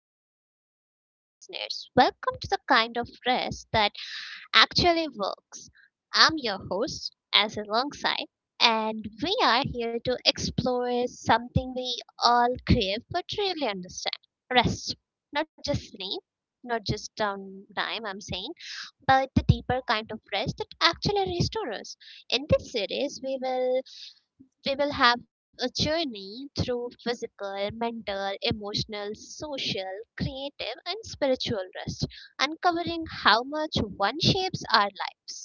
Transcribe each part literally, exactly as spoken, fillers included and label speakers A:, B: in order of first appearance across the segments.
A: hey everyone, hey listeners, welcome to the kind of rest that actually works. I'm your host, as alongside, and we are here to explore something we all crave but really understand rest. Not just sleep, not just downtime, I'm saying, but the deeper kind of rest that actually restores us. In this series, we will we will have a journey through physical, mental, emotional, social, creative, and spiritual rest, uncovering how much one shapes our lives.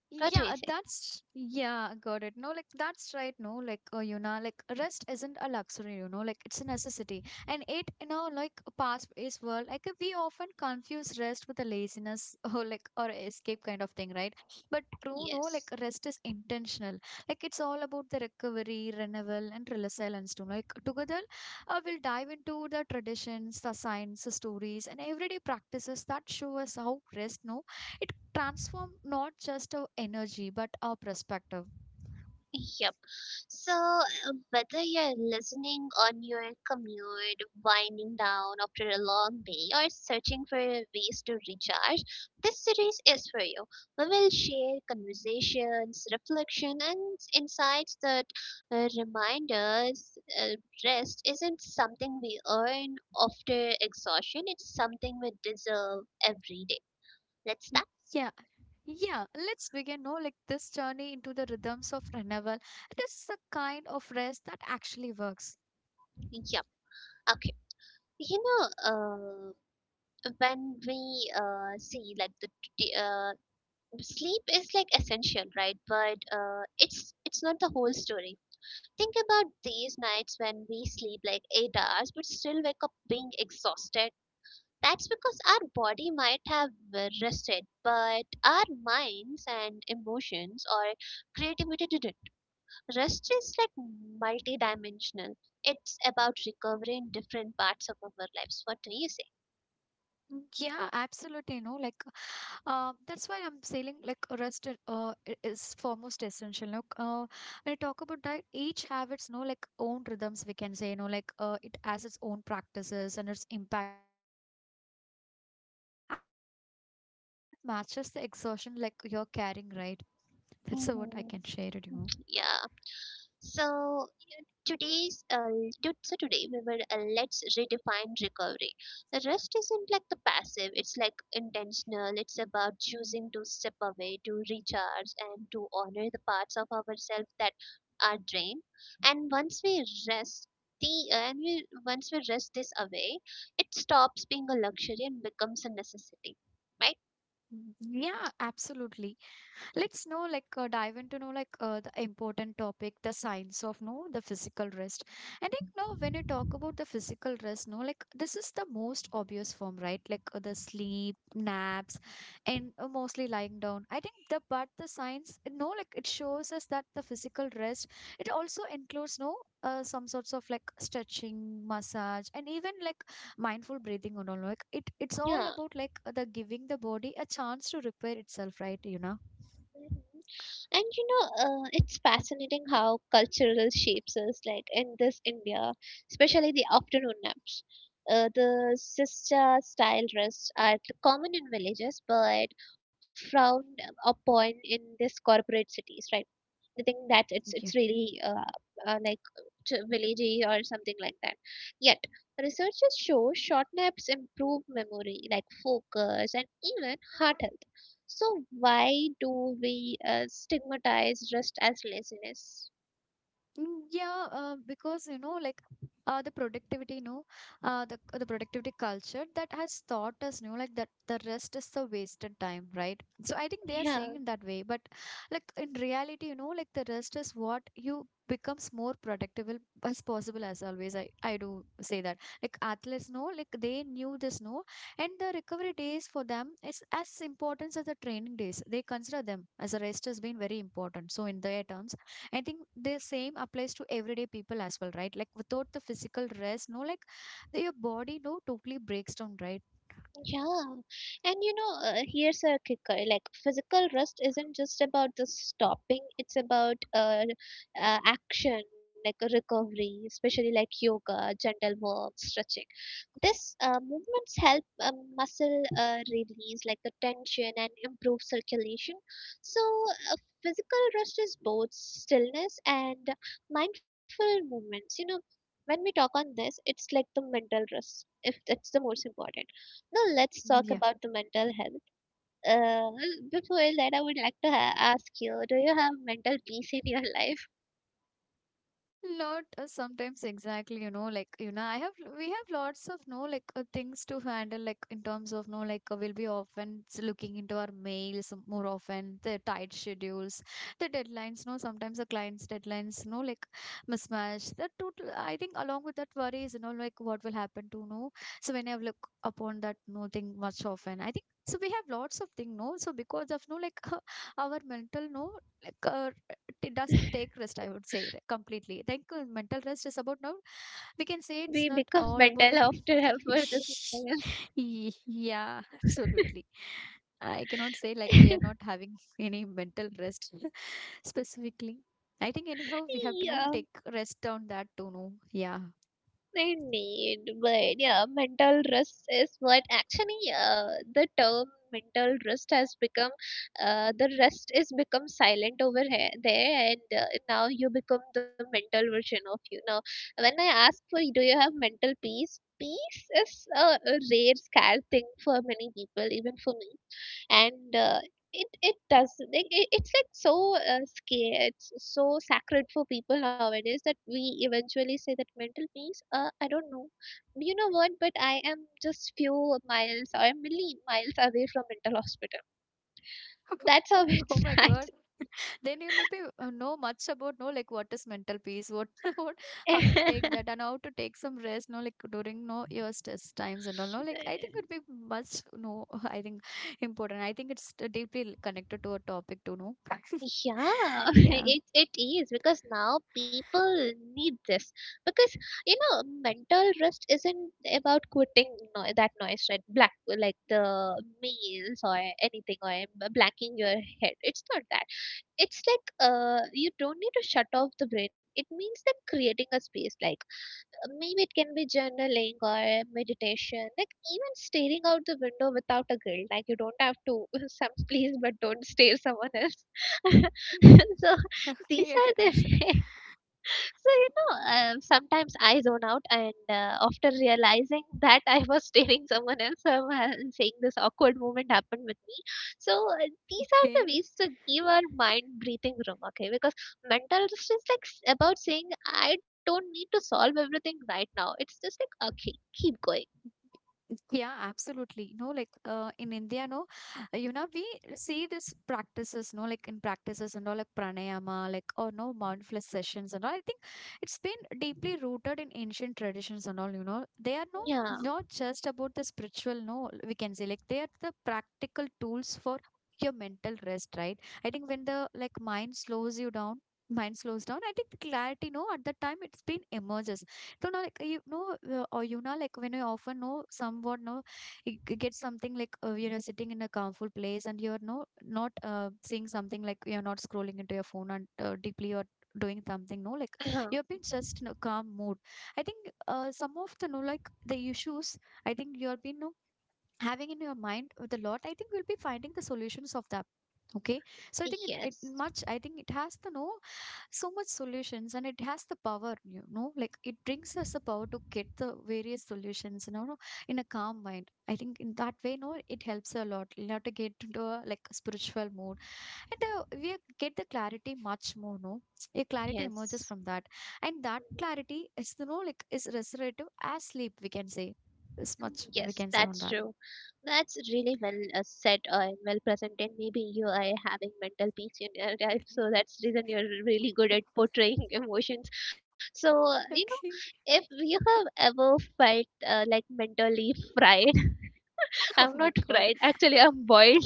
A: What do you
B: Yeah, uh,
A: think?
B: that's yeah, got it. No, like that's right. No, like uh, you know, like rest isn't a luxury. You know, like it's a necessity, and it you know, like fast-paced world, like uh, we often confuse rest with a laziness or like or escape kind of thing, right? But true, no, like
A: Yes.
B: rest is intentional. Like it's all about the recovery, renewal, and resilience too. Like together, uh, we'll dive into the traditions, the science, the stories, and everyday practices that show us how rest, no it transformed not just our energy but our perspective.
A: Yep. So, uh, whether you're listening on your commute, winding down after a long day, or searching for ways to recharge, this series is for you. We will share conversations, reflection, and insights that uh, remind us, uh, rest isn't something we earn after exhaustion, it's something we deserve every day. Let's start?
B: Yeah, yeah. Let's begin. No, like this journey into the rhythms of renewal. It is a kind of rest that actually works.
A: Yep. Okay. You know, Uh. when we uh, see like the t- uh, Sleep is like essential, right, but uh, it's it's not the whole story. Think about these nights when we sleep like eight hours but still wake up being exhausted. That's because our body might have uh, rested, but our minds and emotions or creativity didn't. Rest is like multidimensional. It's about recovering different parts of our lives. What do you say?
B: Mm, yeah, absolutely. No, like Uh, that's why I'm saying like rest i- uh, i- is foremost essential. Look, uh, when I talk about diet, each have its no like own rhythms. We can say you know like uh, it has its own practices and its impact too. Like the kind of rest is that actually works is the one that matches the exhaustion like you're carrying, right? That's uh, what I
A: hmm
B: can share with you.
A: yeah. So you- today's uh, to- so today we will, uh, let's redefine recovery. The rest isn't like the passive; it's like intentional. It's about choosing to step away, to recharge, and to honor the parts of ourselves that are drained. And once we rest. The, and we, once we rest this away, it stops being a luxury and becomes a necessity, right?
B: Mm, yeah, absolutely. Let's know, like, uh, dive into know, like, uh, the important topic, the science of no, the physical rest. I think no, when you talk about the physical rest, no, like, this is the most obvious form, right? Like uh, the sleep, naps, and uh, mostly lying down. I think the but the science, no, like, it shows us that the physical rest it also includes no. Uh, some sorts of like stretching, massage, and even like mindful breathing and all. Like it, it's all
A: Yeah.
B: about like uh, the giving the body a chance to repair itself, right? You know.
A: Mhm. And you know, uh, it's fascinating how cultural shapes us, like in this India, especially the afternoon naps. Uh, the sister style rests are common in villages but frowned upon in these corporate cities, right? The thing that it's it's really, uh, uh, like t- villagey or something like that. Yet researchers show short naps improve memory, like focus and even heart health. So why do we uh, stigmatize rest as laziness?
B: Mm, yeah, uh, because you know, like uh, the productivity, you know, uh, the the productivity culture that has taught us, you know, like that the rest is the wasted time, right? So I think they are saying
A: Yeah.
B: in that way, but like in reality, you know, like the rest is what you becomes more productive as possible as always. I I do say that like athletes know, like they knew this, no, and the recovery days for them is as important as the training days. They consider them as a rest has been very important. So in their terms I think the same applies to everyday people as well, right? Like without the physical rest, no, like the- your body no totally breaks down, right?
A: Yeah, and you know, uh, here's a kicker. Like physical rest isn't just about the stopping; it's about, uh, uh, action, like a recovery, especially like yoga, gentle work, stretching. This uh, movements help uh, muscle uh, release like the tension and improve circulation. So, uh, physical rest is both stillness and mindful movements. You know, when we talk on this, it's like the mental rest. If that's the most important, now let's talk
B: Yeah.
A: about the mental health. Uh, Before that, I would like to ha- ask you: do you have mental peace in your life?
B: Lot uh, sometimes exactly you know like you know I have we have lots of no like uh, things to handle like in terms of no like uh, we'll be often s- looking into our mails more often the tight schedules the deadlines no sometimes the clients deadlines no like mismatch that total I think along with that worries you know like what will happen to no so when I have look upon that no thing much often I think so we have lots of thing no so because of no like our mental no like uh, it doesn't take rest I would say it
A: We
B: completely I
A: become
B: think uh,
A: mental
B: mental
A: after
B: rest is about now
A: ever this.
B: we can
A: Mental
B: say it's not all about yeah absolutely
A: health.
B: I cannot say like we are not having any mental rest specifically I think anyhow we have to
A: Yeah.
B: know take rest on that to know yeah
A: They need, but yeah, mental rest is what actually, uh, the term mental rest has become. Uh, the rest is become silent over here, there, and uh, now you become the mental version of you. Now, when I ask for, do you have mental peace? Peace is a, a rare, scarce thing for many people, even for me, and uh, it it does like it, it's like so uh, scary, it's so sacred for people nowadays that we eventually say that mental peace, uh, I don't know you know what, but I am just few miles or a million miles away from mental hospital. That's how it's
B: oh my god then you will be uh, know much about know like what is mental peace what what how to take that and how to take some rest no like during no your stress times and all no
A: starts.
B: like I think it would be much no I think important I think it's deeply connected to a topic to know
A: Yeah,
B: yeah
A: it, it is because now people need this because you know mental rest isn't about quitting no, that noise, right, black like the meals or anything, or blacking your head. It's not that. It's like, uh you don't need to shut off the brain. It means that creating a space, like, uh, maybe it can be journaling or meditation, like even staring out the window without a guilt. Like you don't have to some please, but don't stare someone else. So these
B: okay
A: are
B: yeah sure.
A: the So, you know, um, sometimes I zone out, and uh, after realizing that I was staring someone else, I'm uh, saying this awkward moment happened with me. So, uh, these are the
B: Okay.
A: ways to give our mind breathing room, okay? Because mental rest is like s- about saying, I don't need to solve everything right now. It's just like, okay, keep going.
B: Yeah, absolutely. No, like uh, in India, no, uh, you know, we see this practices, no, like in practices and all, like pranayama, like or no mindfulness sessions and all. I think it's been deeply rooted in ancient traditions and all. You know, they are no
A: Yeah.
B: not just about the spiritual. No, we can say like they are the practical tools for your mental rest, right? I think when the like mind slows you down. Mind slows down. I think clarity, no, at that time it's been emerges. So now, like you know, uh, or you know, like when you often know somewhat, know you g- get something like uh, you know, sitting in a comfort place, and you're no not uh, seeing something like you're not scrolling into your phone and uh, deeply or doing something. No, like you've been just in a calm mood. I think uh, some of the no like the issues. I think you've been no having in your mind with a lot. I think we'll be finding the solutions of that. Okay, so I think it, it
A: Yes.
B: much. I think it has the no so much solutions and it has the power you know like it brings us the power to get the various solutions you know no, in a calm mind I think in that way no it helps a lot you know to get into a like spiritual mood and uh, we get the clarity much more no a clarity emerges
A: Yes.
B: from that and that clarity is you know like is restorative as sleep we can say this much we
A: Yes,
B: can say
A: that's
B: on that.
A: true. That's really well uh, said uh, and well presented. Maybe you are having mental peace in your life, so that's the reason you're really good at portraying emotions. So, uh, you know,
B: Okay.
A: if you have ever felt, uh, like mentally fried,
B: Oh
A: I'm not
B: my god.
A: fried. Actually, I'm boiled.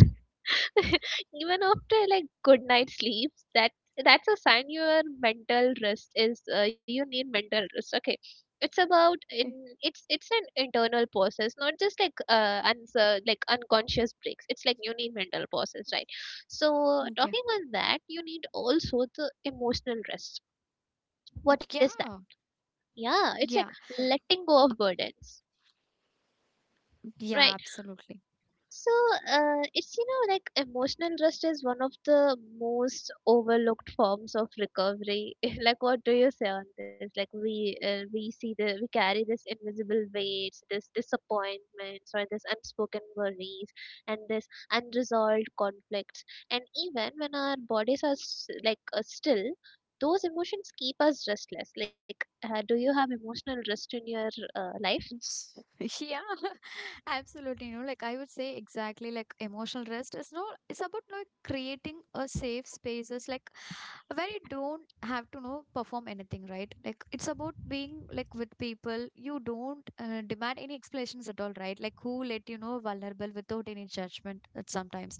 A: Even after like good night sleeps, that that's a sign your mental rest is, uh, you need mental rest. Okay, it's about
B: Okay,
A: in it's it's an internal process, not just like, uh answer like unconscious breaks. It's like you need mental process, right? So talking on that, you need also the emotional rest. What is
B: yeah,
A: that?
B: yeah,
A: Yeah, it's like
B: yeah,
A: letting go of burdens, right?
B: yeah, absolutely.
A: So, uh, it's, you know, like emotional rest is one of the most overlooked forms of recovery. Like, what do you say on this? Like, we uh, we see the we carry this invisible weights, this disappointments, or this unspoken worries, and this unresolved conflicts. And even when our bodies are s- like, uh, still, those emotions keep us restless. Like, uh, do you have emotional rest in your uh, life?
B: Yes. Yeah. Absolutely. You know like I would say exactly like emotional rest is no, it's about like creating a safe spaces like where you don't have to know perform anything right like it's about being like with people you don't uh, demand any explanations at all right like who let you know vulnerable without any judgment at sometimes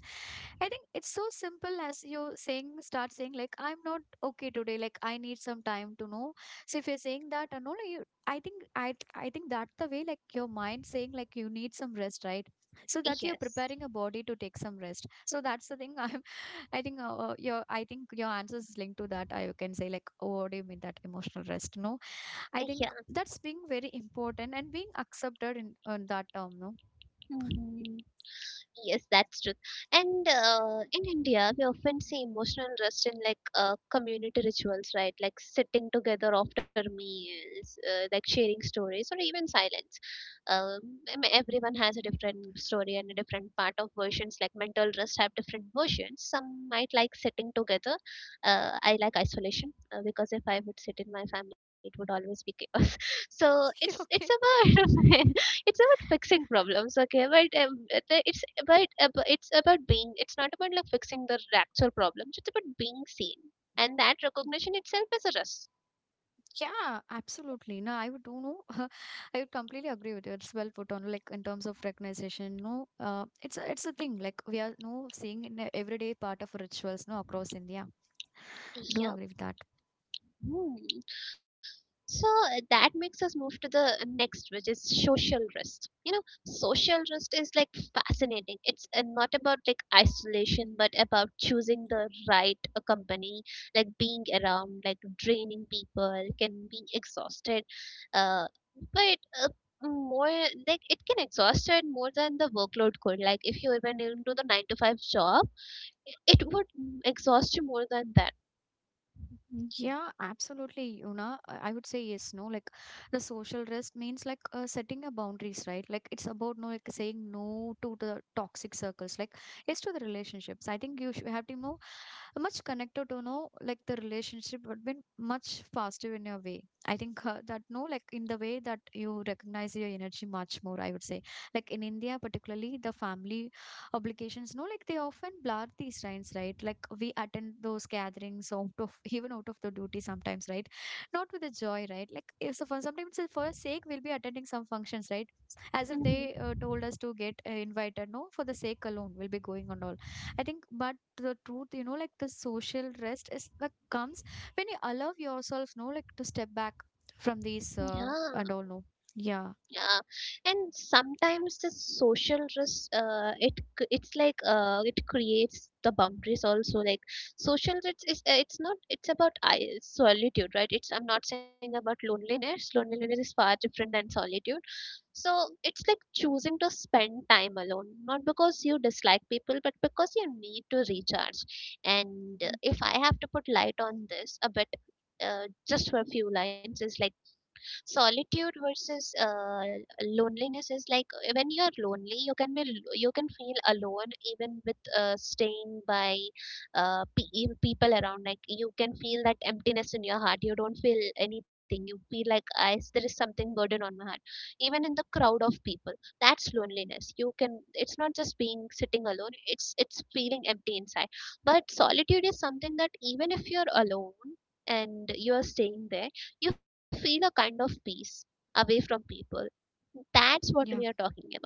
B: I think it's so simple as you saying start saying like I'm not okay today like I need some time to know so if you're saying that and all. I think I th- I think that the way like your mind saying like you need some rest, right? So that you're
A: Yes.
B: preparing a body to take some rest. So that's the thing. I'm I think uh, your I think your answer is linked to that. I can say like, oh, what do you mean that emotional rest? No, I think that's being very important and being accepted in, in that term. No,
A: Yeah. Yes, that's true. And uh, in India, we often see emotional rest in like uh, community rituals, right? Like sitting together after meals, uh, like sharing stories, or even silence. Um, I mean, everyone has a different story and a different part of versions. Like mental rest have different versions. Some might like sitting together. Uh, I like isolation uh, because if I would sit in my family, it would always be chaos. So it's it's a
B: okay.
A: bird. It's about fixing problems, okay, but um, uh, the- it's about ab- it's about being, it's not about like fixing the actual problems, it's about being seen, and that recognition itself is a risk.
B: Yeah, absolutely. No, I would do know. I would completely agree with you. It's well put on, like in terms of recognition. No, uh, it's a, it's a thing. Like we are no seeing in a everyday part of rituals. No, across India. Do agree with
A: Yeah.
B: that.
A: Hmm. So, uh, that makes us move to the next, which is social risk. You know, social risk is like fascinating. It's, uh, not about like isolation, but about choosing the right uh, company, like being around, like draining people, can be exhausted. Uh, but uh, more like it can exhaust it more than the workload could. Like if you even into the nine to five job, it would exhaust you more than that.
B: Yeah, absolutely, Yuna. I I would say yes. No, like the social rest means like uh, setting a boundaries, right? Like it's about no like saying no to the toxic circles. Like yes to the relationships. I think you should have to know much connected to know like the relationship would been much faster in your way I think uh, that no like in the way that you recognize your energy much more I would say like in india particularly the family obligations no like they often blur these lines right like we attend those gatherings out of even out of the duty sometimes right not with the joy right like if so for sometimes it's for a sake we'll be attending some functions right as if they uh,
A: Hmm.
B: told us to get uh, invited no for the sake alone we'll be going on all I think but the truth you know like the social rest is like comes when you allow yourself no like to step back from these uh,
A: Yeah,
B: and all no yeah.
A: yeah, and sometimes the social risk, uh, it c- it's like, uh, it creates the boundaries also, like social it's is, uh, it's not, it's about i- solitude, right? It's, I'm not saying about loneliness. Loneliness is far different than solitude. So it's like choosing to spend time alone, not because you dislike people, but because you need to recharge. And uh,
B: Mm,
A: if I have to put light on this a bit, uh, just for a few lines, is like solitude versus, uh, loneliness is like, when you're lonely you can be l- you can feel alone even with, uh, staying by, uh, pe- e- people around, like you can feel that emptiness in your heart. You don't feel anything. You feel like, i s- there is something burden on my heart, even in the crowd of people. That's loneliness. You can, it's not just being sitting alone, it's it's feeling empty inside. But solitude is something that even if you're alone and you're staying there, you feel a kind of peace away from people. That's what we are
B: yeah,
A: talking about.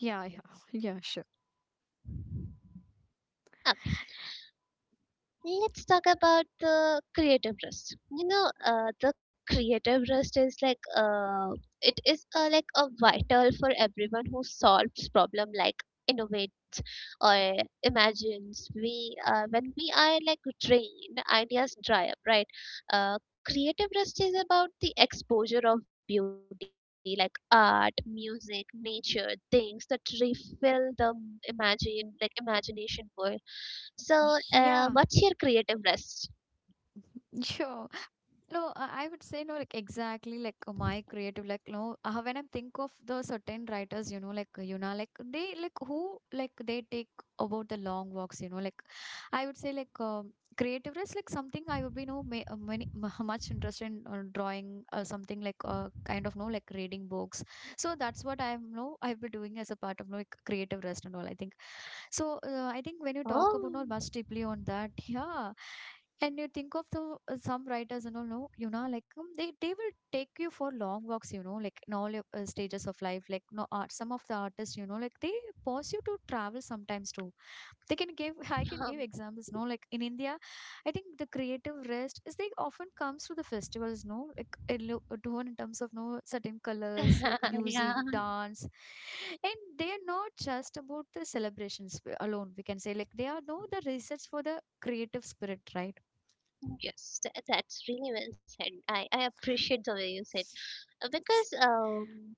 B: yeah, yeah, yeah, sure.
A: Okay, let's talk about the creative rest. You know, uh, the creative rest is like, uh, it is, uh, like a vital for everyone who solves problem, like innovating or imagines. We uh, When we are like drained, ideas dry up, right? Uh, creative rest is about the exposure of beauty, like art, music, nature, things that refill the imagine, like imagination world. So, uh, what's your
B: Yeah.
A: creative rest?
B: Sure. No, I I would say no, like exactly like uh, my creative, like no. Uh, when I think of the certain writers, you know, like uh, you know, like they like who like they take about the long walks, you know, like I would say like um creative is like something I would be no may, uh, many mu- much interested in uh, drawing or something like uh, kind of no like reading books. So that's what I'm no I've been doing as a part of no like creative rest and all. I think so uh, I think when you
A: Oh,
B: talk about no bus deeply on that, yeah. And you think of the uh, some writers and all, no, you know, like um, they they will take you for long walks, you know, like in all your uh, stages of life. Like no art, some of the artists, you know, like they pause you to travel sometimes too. They can give I can
A: um,
B: give examples, no, like in India. I think the creative rest is like often comes through the festivals, no? Like in lo- a tone in terms of no certain colors, like
A: yeah.
B: music, dance, and they are not just about the celebrations w- alone. We can say like they are no the research for the creative spirit, right?
A: Yes, tha- that's really well said. i i appreciate the way you said, uh, because um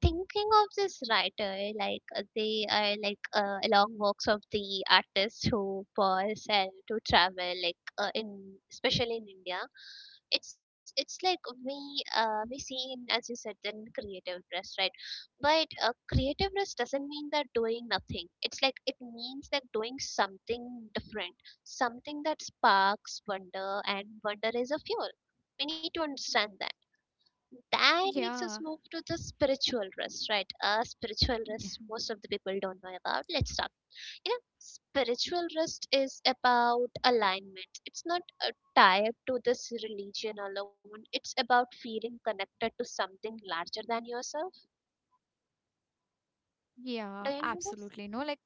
A: thinking of this writer, like, uh, they are like, uh, along works of the artists who pause and to travel, like, uh, in especially in India. It's it's like we uh, we see in, as you said in creative rest, right? But, uh, creative rest doesn't mean that doing nothing. It's like it means that doing something different, something that sparks wonder, and wonder is a fuel. We need to understand that that makes us
B: Yeah,
A: move to the spiritual rest, right? Uh, spiritual
B: yeah,
A: rest, most of the people don't know about. Let's talk. You know, spiritual rest is about alignment. It's not uh, tied to this religion alone. It's about feeling connected to something larger than yourself.
B: yeah,
A: Do you know this?
B: absolutely. No, like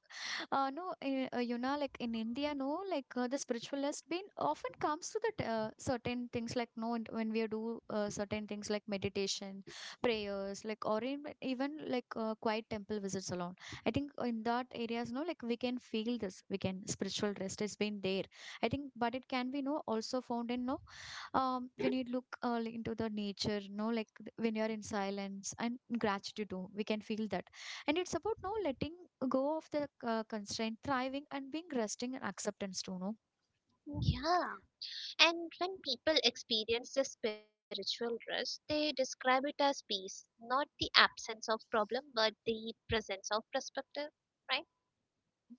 B: Uh, no, eh, uh, you know, like in India, no, like uh, the spiritual has been often comes to that uh, certain things like no, and when we do uh, certain things like meditation, prayers, like or in, even like uh, quiet temple visits alone. I think in that areas, no, like we can feel this, we can spiritual rest has been there. I think, but it can be no also found in no um, when you look uh, like, into the nature, you know, like th- when you're in silence and gratitude too we can feel that, and it's about no letting go of the uh, constraint thriving and being resting and acceptance too, no.
A: Yeah. And when people experience the spiritual rest, they describe it as peace, not the absence of problem, but the presence of perspective, right?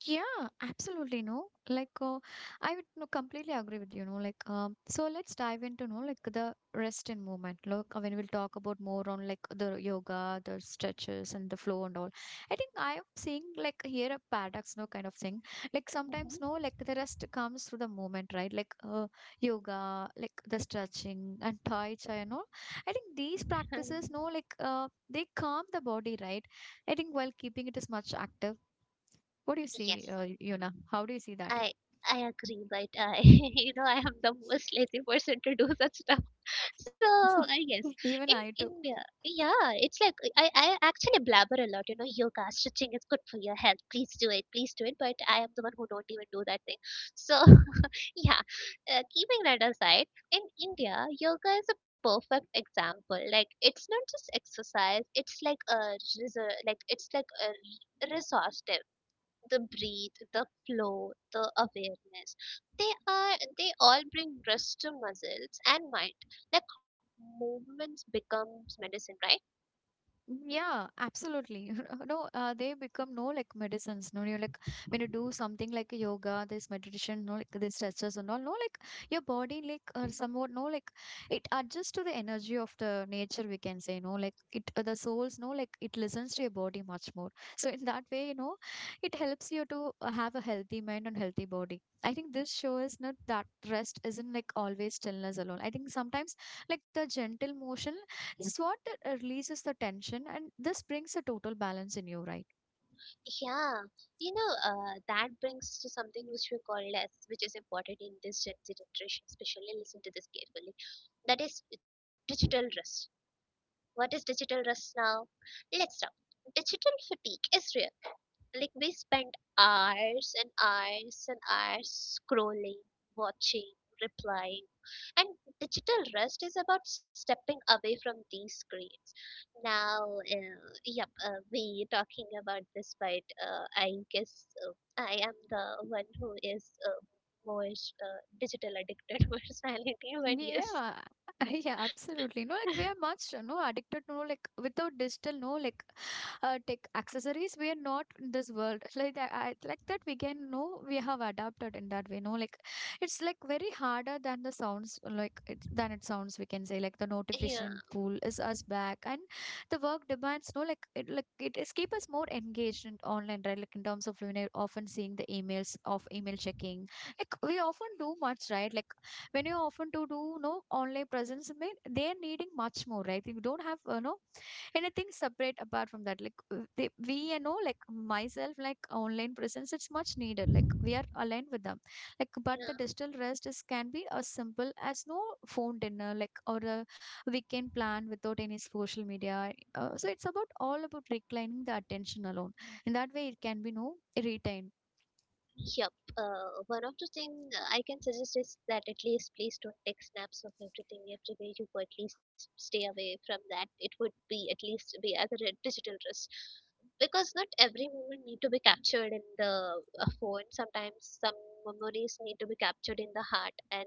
B: Yeah, absolutely. No, like uh, I would no, completely agree with you. No, like um, so let's dive into no like the rest and movement. Look, uh, when we'll talk about more on like the yoga, the stretches, and the flow and all. I think I am seeing like here a paradox, no kind of thing. Like sometimes
A: Mhm.
B: no, like the rest comes through the movement, right? Like uh, yoga, like the stretching and tai chi and all. I think these practices, no, like uh, they calm the body, right? I think while keeping it as much active, what do you see,
A: Yes,
B: uh, Yuna? How do you see that?
A: I I agree, but I you know I am the most lazy person to do such stuff. So I guess
B: Even
A: in
B: I too.
A: India, yeah, it's like I I actually blabber a lot. You know, yoga stretching is good for your health. Please do it, please do it. But I am the one who don't even do that thing. So yeah, uh, keeping that aside, in India, yoga is a perfect example. Like it's not just exercise; it's like a resor- like it's like a resource, the breathe, the flow, the awareness. They are they all bring rest to muscles and mind. Like movements becomes medicine, right?
B: Yeah, absolutely. No, uh, they become no like medicines. No, you like when you do something like yoga, this meditation, no, like these stretches and all. No, like your body, like uh, somewhat, no, like it adjusts to the energy of the nature. We can say, no, like it uh, the souls, no, like it listens to your body much more. So in that way, you know, it helps you to have a healthy mind and healthy body. I think this shows not that rest isn't like always stillness alone. I think sometimes like the gentle motion, it's what that uh, releases the tension, and this brings a total balance in you, right?
A: Yeah, you know uh, that brings to something which we call as which is important in this Gen Z generation, especially. Listen to this carefully. That is digital rest. What is digital rest now? Let's talk. Digital fatigue is real, like we spend hours and hours and hours scrolling, watching, replying. And digital rest is about stepping away from these screens. Now, uh, yep, uh, we talking about this, but uh, I guess uh, I am the one who is uh, more uh, digital addicted personality. But yes,
B: Yeah, yeah, absolutely. No, like we are much, uh, no, addicted, no, like without digital, no, like uh, tech accessories we are not in this world like that I, like that we can know we have adapted in that way, no, like it's like very harder than the sounds, like it, than it sounds, we can say, like the
A: yeah,
B: notification pool is us back, and the work demands, no, like it like it is keep us more engaged in online, right? Like in terms of, you know, often seeing the emails of email checking, like we often do much, right? Like when you often to do no online presence, I mean, they are needing much more, right? You don't have uh, no anything separate apart from that, like uh, they, we, you know, like myself, like online presence it's much needed, like we are aligned with them, like, but
A: yeah.
B: the digital rest is can be as simple as no phone dinner, like, or a weekend plan without any social media. uh, so it's about all about reclining the attention alone, in that way it can be no retained.
A: Yep. Uh, one of the thing I can suggest is that at least please don't take snaps of everything every day. You go. At least stay away from that. It would be at least be as a re- digital risk, because not every moment need to be captured in the uh, phone. Sometimes some memories need to be captured in the heart and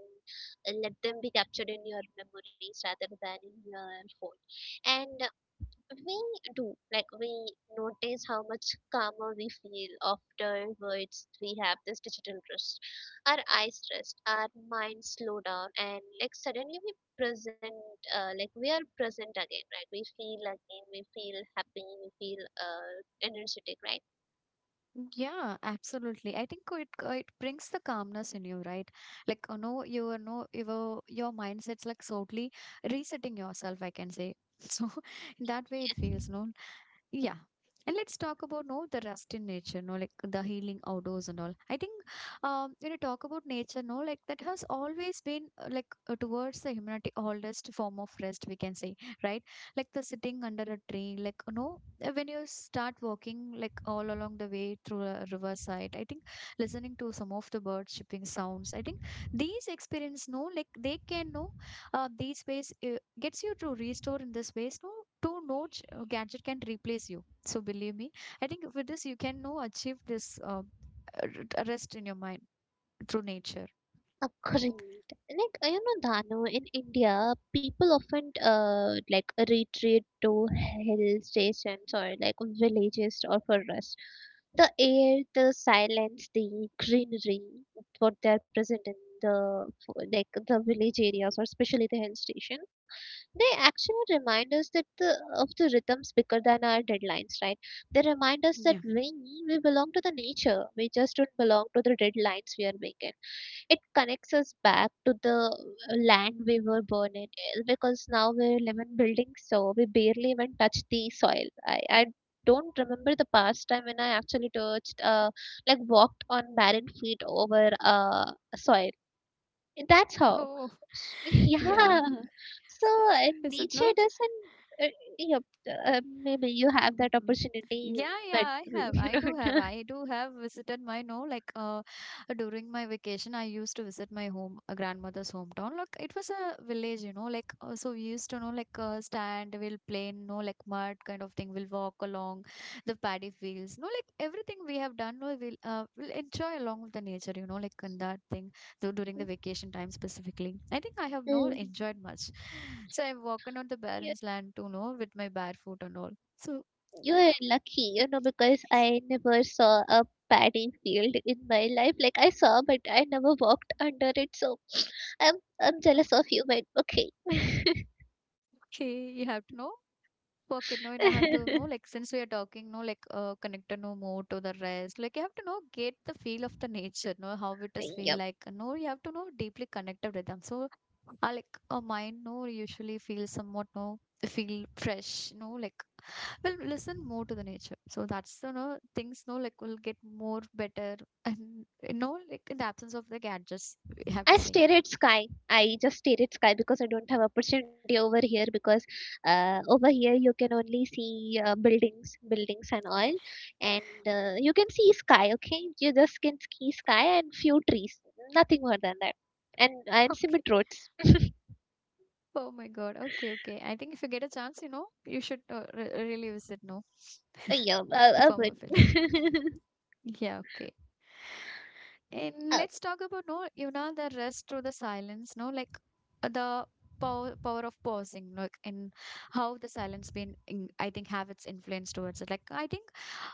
A: let them be captured in your memories rather than in your phone. And we do, like, we notice how much calmer we feel afterwards. We have this digital rest, our eyes rest, our minds slow down, and like suddenly we present, uh, like we are present again, right? We feel again, we feel happy, we feel uh, energetic, right?
B: Yeah, absolutely. I think it uh, it brings the calmness in you, right? Like, uh, no, you are no, your your mindset's like totally resetting yourself, I can say. So in that way, it feels no. Yeah. And let's talk about no the rest in nature, no, like the healing outdoors and all. I think um when you talk about nature, no, like that has always been uh, like uh, towards the humanity oldest form of rest, we can say, right? Like the sitting under a tree, like no uh, when you start walking like all along the way through a riverside, I think listening to some of the bird chirping sounds, I think these experience no, like they can no uh, these ways uh, gets you to restore in this ways, no, to no ch- uh, gadget can replace you, so believe me, I think with this you can no achieve this uh, r- rest in your mind through nature.
A: Agreed. Like uh, you know, Dano, in India, people often uh like retreat to hill stations or like villages or for rest. The air, the silence, the greenery, what they are present in the f- like the village areas or especially the hill station, they actually remind us that the, of the rhythms bigger than our deadlines, right? They remind us that
B: Yeah.
A: we we belong to the nature. We just don't belong to the deadlines we are making. It connects us back to the uh, land we were born in, uh, because now we live in buildings, so we barely even touch the soil. I, I don't remember the past time when I actually touched, uh, like walked on barren feet over uh, soil, that's how.
B: Oh,
A: S-
B: yeah.
A: Yeah. So uh,
B: Is it
A: nature
B: not?
A: doesn't. Uh, yeah, uh, maybe you have that
B: Mm.
A: opportunity,
B: Yeah,
A: but
B: yeah, I have.
A: you
B: I do have.
A: know,
B: I do have visited my no, like uh during my vacation I used to visit my home uh, grandmother's hometown. Like it was a village, you know, like uh, so we used to know like uh, stand, we'll play, no, like mud kind of thing. We'll walk along the paddy fields. No, like everything we have done, no, we'll uh, we'll enjoy along with the nature, you know, like in that thing. So during the vacation time specifically. I think I have no
A: Mm.
B: enjoyed much. So I've walked on
A: you
B: the barren land too, no, with my bare foot and all. So
A: you're lucky, you know, because I never saw a paddy field in my life. Like I saw, but I never walked under it. So I'm I'm jealous of you, but okay.
B: she, you have to know, work it, no, and I have to know, like, since we are talking, no, like, uh, connect no more to the rest. Like, you have to know, get the feel of the nature, no, how it does feel
A: Yep.
B: like. No, you have to know, deeply connected with them. So, uh, like, a mind, no, usually feels somewhat, no, feel fresh, no, like, will listen more to the nature. So, that's, you know, things, no, like, will get more better. And, you know, like, in the absence of the gadgets, we have to
A: I
B: say.
A: stare at sky. I just stare at sky because I don't have opportunity over here, because uh, over here you can only see uh, buildings, buildings and all, and uh, you can see sky. Okay, you just can see sky and few trees, nothing more than that, and and cement roads.
B: Oh my God. Okay, okay. I think if you get a chance, you know, you should uh, re really visit, no,
A: Uh, yeah,
B: the
A: uh,
B: former
A: urban.
B: fields. Yeah, okay. And
A: uh,
B: let's talk about, no, you know, the rest through the silence, no, like uh, the power power of pausing, like in how the silence been, in, I think, have its influence towards it. Like, I think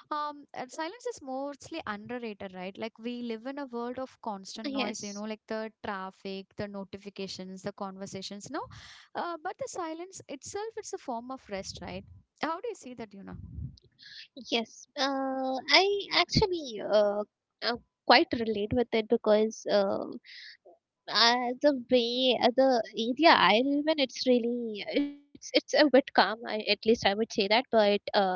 B: um and silence is mostly underrated, right? Like we live in a world of constant noise, you know,
A: yes,
B: like the traffic, the notifications, the conversations, no, uh, but the silence itself it's a form of rest, right? How do you see that, you know?
A: yes. Uh, I actually uh, uh, quite relate with it because. Uh, Uh, the way uh, the area I live in, it's really it's it's a bit calm. I, at least I would say that. But uh,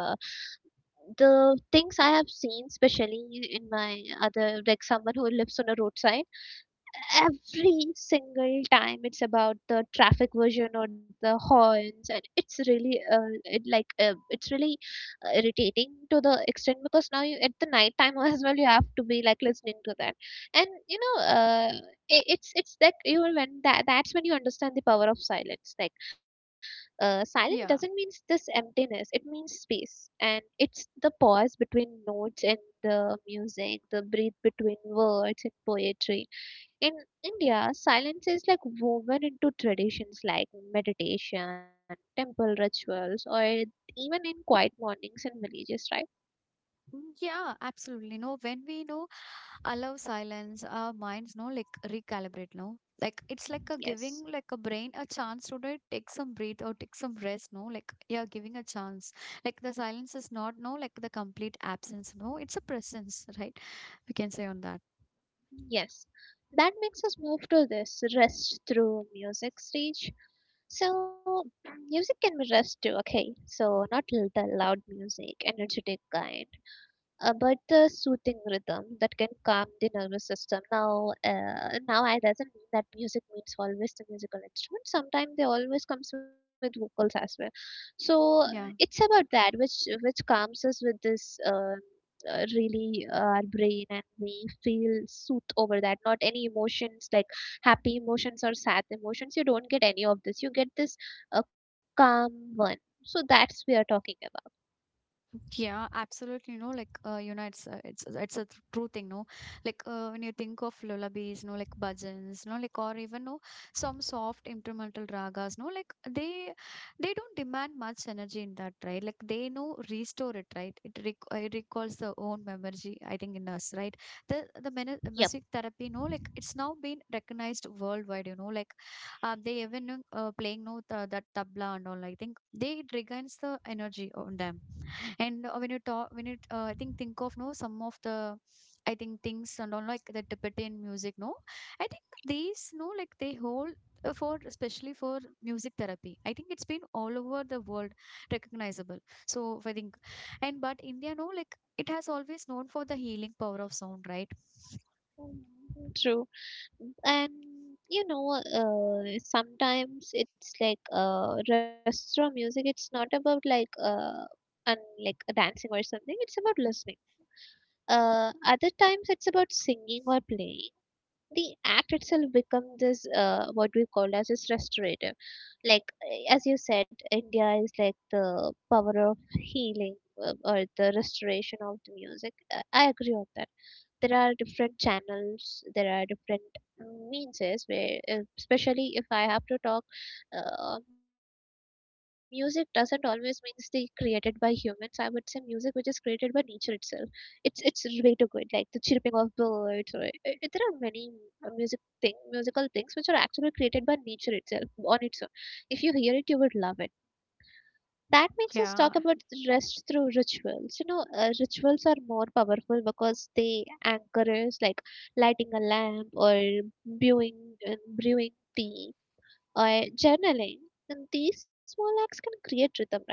A: the things I have seen, especially in my other like someone who lives on a roadside, every single time it's about the traffic version or the horns, and it's really uh, it like uh, it's really uh, irritating to the extent, because now you at the night time as well you have to be like listening to that, and you know uh, it, it's it's like you know, when that that's when you understand the power of silence, like uh, silent doesn't mean
B: Yeah.
A: this emptiness, it means space, and it's the pause between notes and the music, the breathe between words and poetry. In India, silence is like woven into traditions like meditation, temple rituals, or even in quiet mornings and villages, right?
B: Mm, yeah, absolutely, no, when we know allow silence our minds no like recalibrate, no, like it's like a giving
A: Yes,
B: like a brain a chance to, like, take some breath or take some rest no like, yeah, giving a chance, like the silence is not no like the complete absence, no, it's a presence, right? We can say on that.
A: yes. That makes us move to this rest through music stage. So, music can be rest too, okay? So, not l- the loud music, energetic kind, uh, but the soothing rhythm that can calm the nervous system. Now, uh, now I doesn't mean that music means always the musical instrument. Sometimes they always comes with vocals as well. So uh, it's
B: Yeah.
A: about that which which calms us with this. Uh, uh, really uh, our brain, and we feel soothed over that, not any emotions like happy emotions or sad emotions, you don't get any of this, you get this uh, calm one. So that's we are talking about.
B: Yeah, absolutely. No, like uh, you know, it's a, it's a- it's a th- true thing. No, like uh, when you think of lullabies, no, like bhajans, no, like or even no, some soft instrumental ragas, no, like they they don't demand much energy in that, right? Like they know restore it, right? It, rec- uh, it recalls the own memory, I think, in us, right? The the mene-
A: Yep.
B: music therapy, no, like it's now been recognized worldwide. You know, like uh, they even uh, playing no the, that tabla and all. I think they it regains the energy on them, and uh, when you talk, when you uh, I think think of no some of the I think things and all like the Tibetan music, no, I think these no like they hold uh, for especially for music therapy. I think it's been all over the world recognizable. So I think, and but India, no, like it has always known for the healing power of sound, right?
A: Mm, true. And you know uh, sometimes it's like uh, rastro music, it's not about like uh, and like dancing or something, it's about listening. Uh, other times it's about singing or playing, the act itself becomes this uh, what we call as is restorative. Like uh, as you said, india is like the power of healing, uh, or the restoration of the music. I I agree on that. There are different channels, there are different mm, means, is where uh, especially if i have to talk, uh, music doesn't always means the created by humans. I would say music which is created by nature itself, it's it's way too good, like the chirping of birds or uh, uh, there are many uh, music thing musical things which are actually created by nature itself on its own. If you hear it, you would love it. That makes us talk about
B: Yeah,
A: rest through rituals. You know uh, rituals are more powerful because they anchor us, like lighting a lamp or brewing and brewing tea, or journaling, and these small acts can create rhythm, right?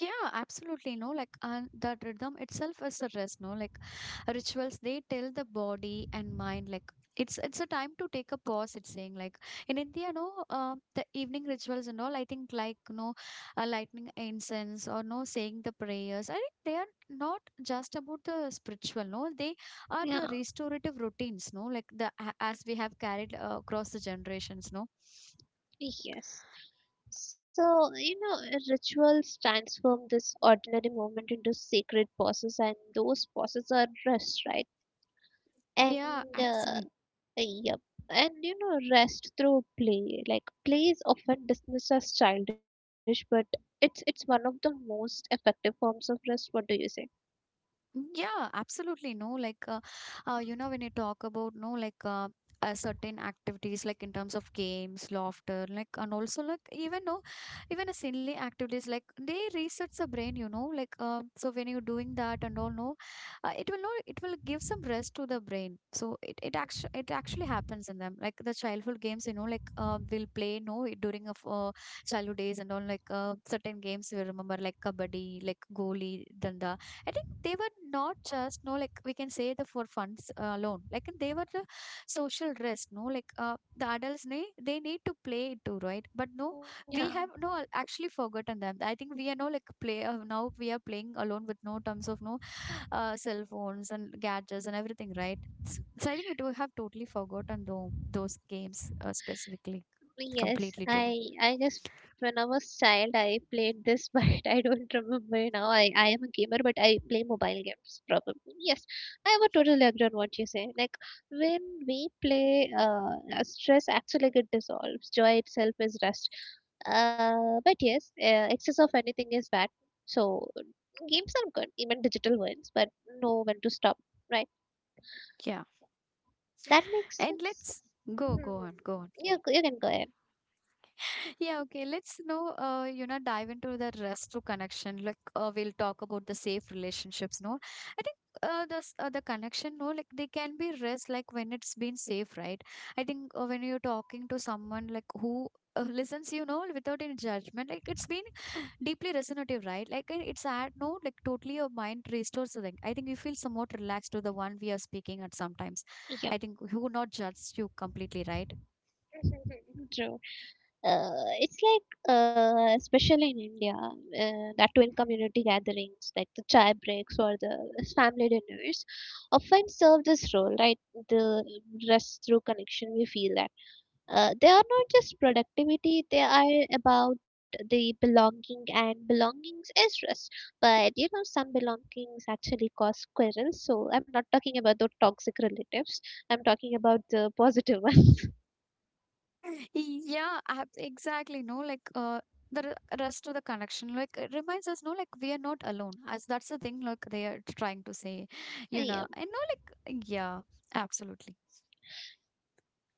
B: yeah, absolutely. No, like and that rhythm itself is a rest. No, like rituals, they tell the body and mind like it's it's a time to take a pause. It's saying like in India, no, um, the evening rituals and all. I think like no, uh, lighting incense or no saying the prayers. I think they are not just about the spiritual. No, they are the
A: Yeah.
B: restorative routines. No, like the a- as we have carried uh, across the generations. No,
A: Yes. So you know rituals transform this ordinary movement into sacred pauses, and those pauses are rest, right?
B: yeah,
A: And uh,
B: absolutely.
A: yep. And you know rest through play, like play is often dismissed as childish, but it's it's one of the most effective forms of rest. What do you say?
B: Yeah, absolutely. No, like, uh, uh, You know, when you talk about, no, like, uh, uh, certain activities like in terms of games, laughter, like, and also like, even no even a silly activities, like they resets the brain, you know, like uh, so when you're doing that and all, no uh, it will not, it will give some rest to the brain. So it it actually, it actually happens in them, like the childhood games, you know, like uh, we'll play, no during of uh, childhood days and all. Like uh, certain games we remember, like kabaddi, like goli danda. I think they were not just, no, like, we can say the for funds uh, alone. Like, they were the social risk. No, like uh, the adults need, they need to play it too, right? But no,
A: Yeah.
B: we have no uh, actually forgotten them. I think we are, no, like play, uh, now we are playing alone with, no, terms of no, uh, cell phones and gadgets and everything, right? S- So I think we do have totally forgotten though those games, uh, specifically
A: Yes,
B: completely too.
A: I I guess when I was child I played this, but I don't remember now. I I am a gamer, but I play mobile games probably. Yes, I would totally agree on what you say. Like when we play, uh, uh, stress actually get dissolves. Joy itself is rest. Uh, but yes, uh, excess of anything is bad. So games are good, even digital ones, but know when to stop. Right?
B: Yeah,
A: That makes
B: and
A: sense.
B: let's
A: Hmm.
B: go go on, go on.
A: You you can go ahead.
B: Yeah, okay. Let's know, uh, you know, dive into the rest to connection. Like, uh, we'll talk about the safe relationships. No, I think, uh, the s- uh, the connection. No, like, they can be rest, like when it's been safe, right? I think, uh, when you're talking to someone like who, Uh, listens, you know, without any judgment. Like, it's been deeply resonative, right? Like, uh, it's at, no, like totally your mind restores. The, I think you feel somewhat relaxed to the one we are speaking at sometimes,
A: Yep.
B: I think, who not judge you completely, right?
A: True. Uh, it's like, uh, especially in India, uh, that twin community gatherings, like the chai breaks or the family dinners, often serve this role, right? The rest through connection, we feel that. Uh, they are not just productivity, they are about the belonging, and belongings is rest. But you know, some belongings actually cause quarrels, so I'm not talking about the toxic relatives, I'm talking about the positive ones.
B: Yeah, ab- exactly. No, like uh, the r- rest of the connection, like it reminds us, no, like we are not alone. As that's the thing, like they are trying to say, you
A: Yeah.
B: know, and no, like, yeah, absolutely.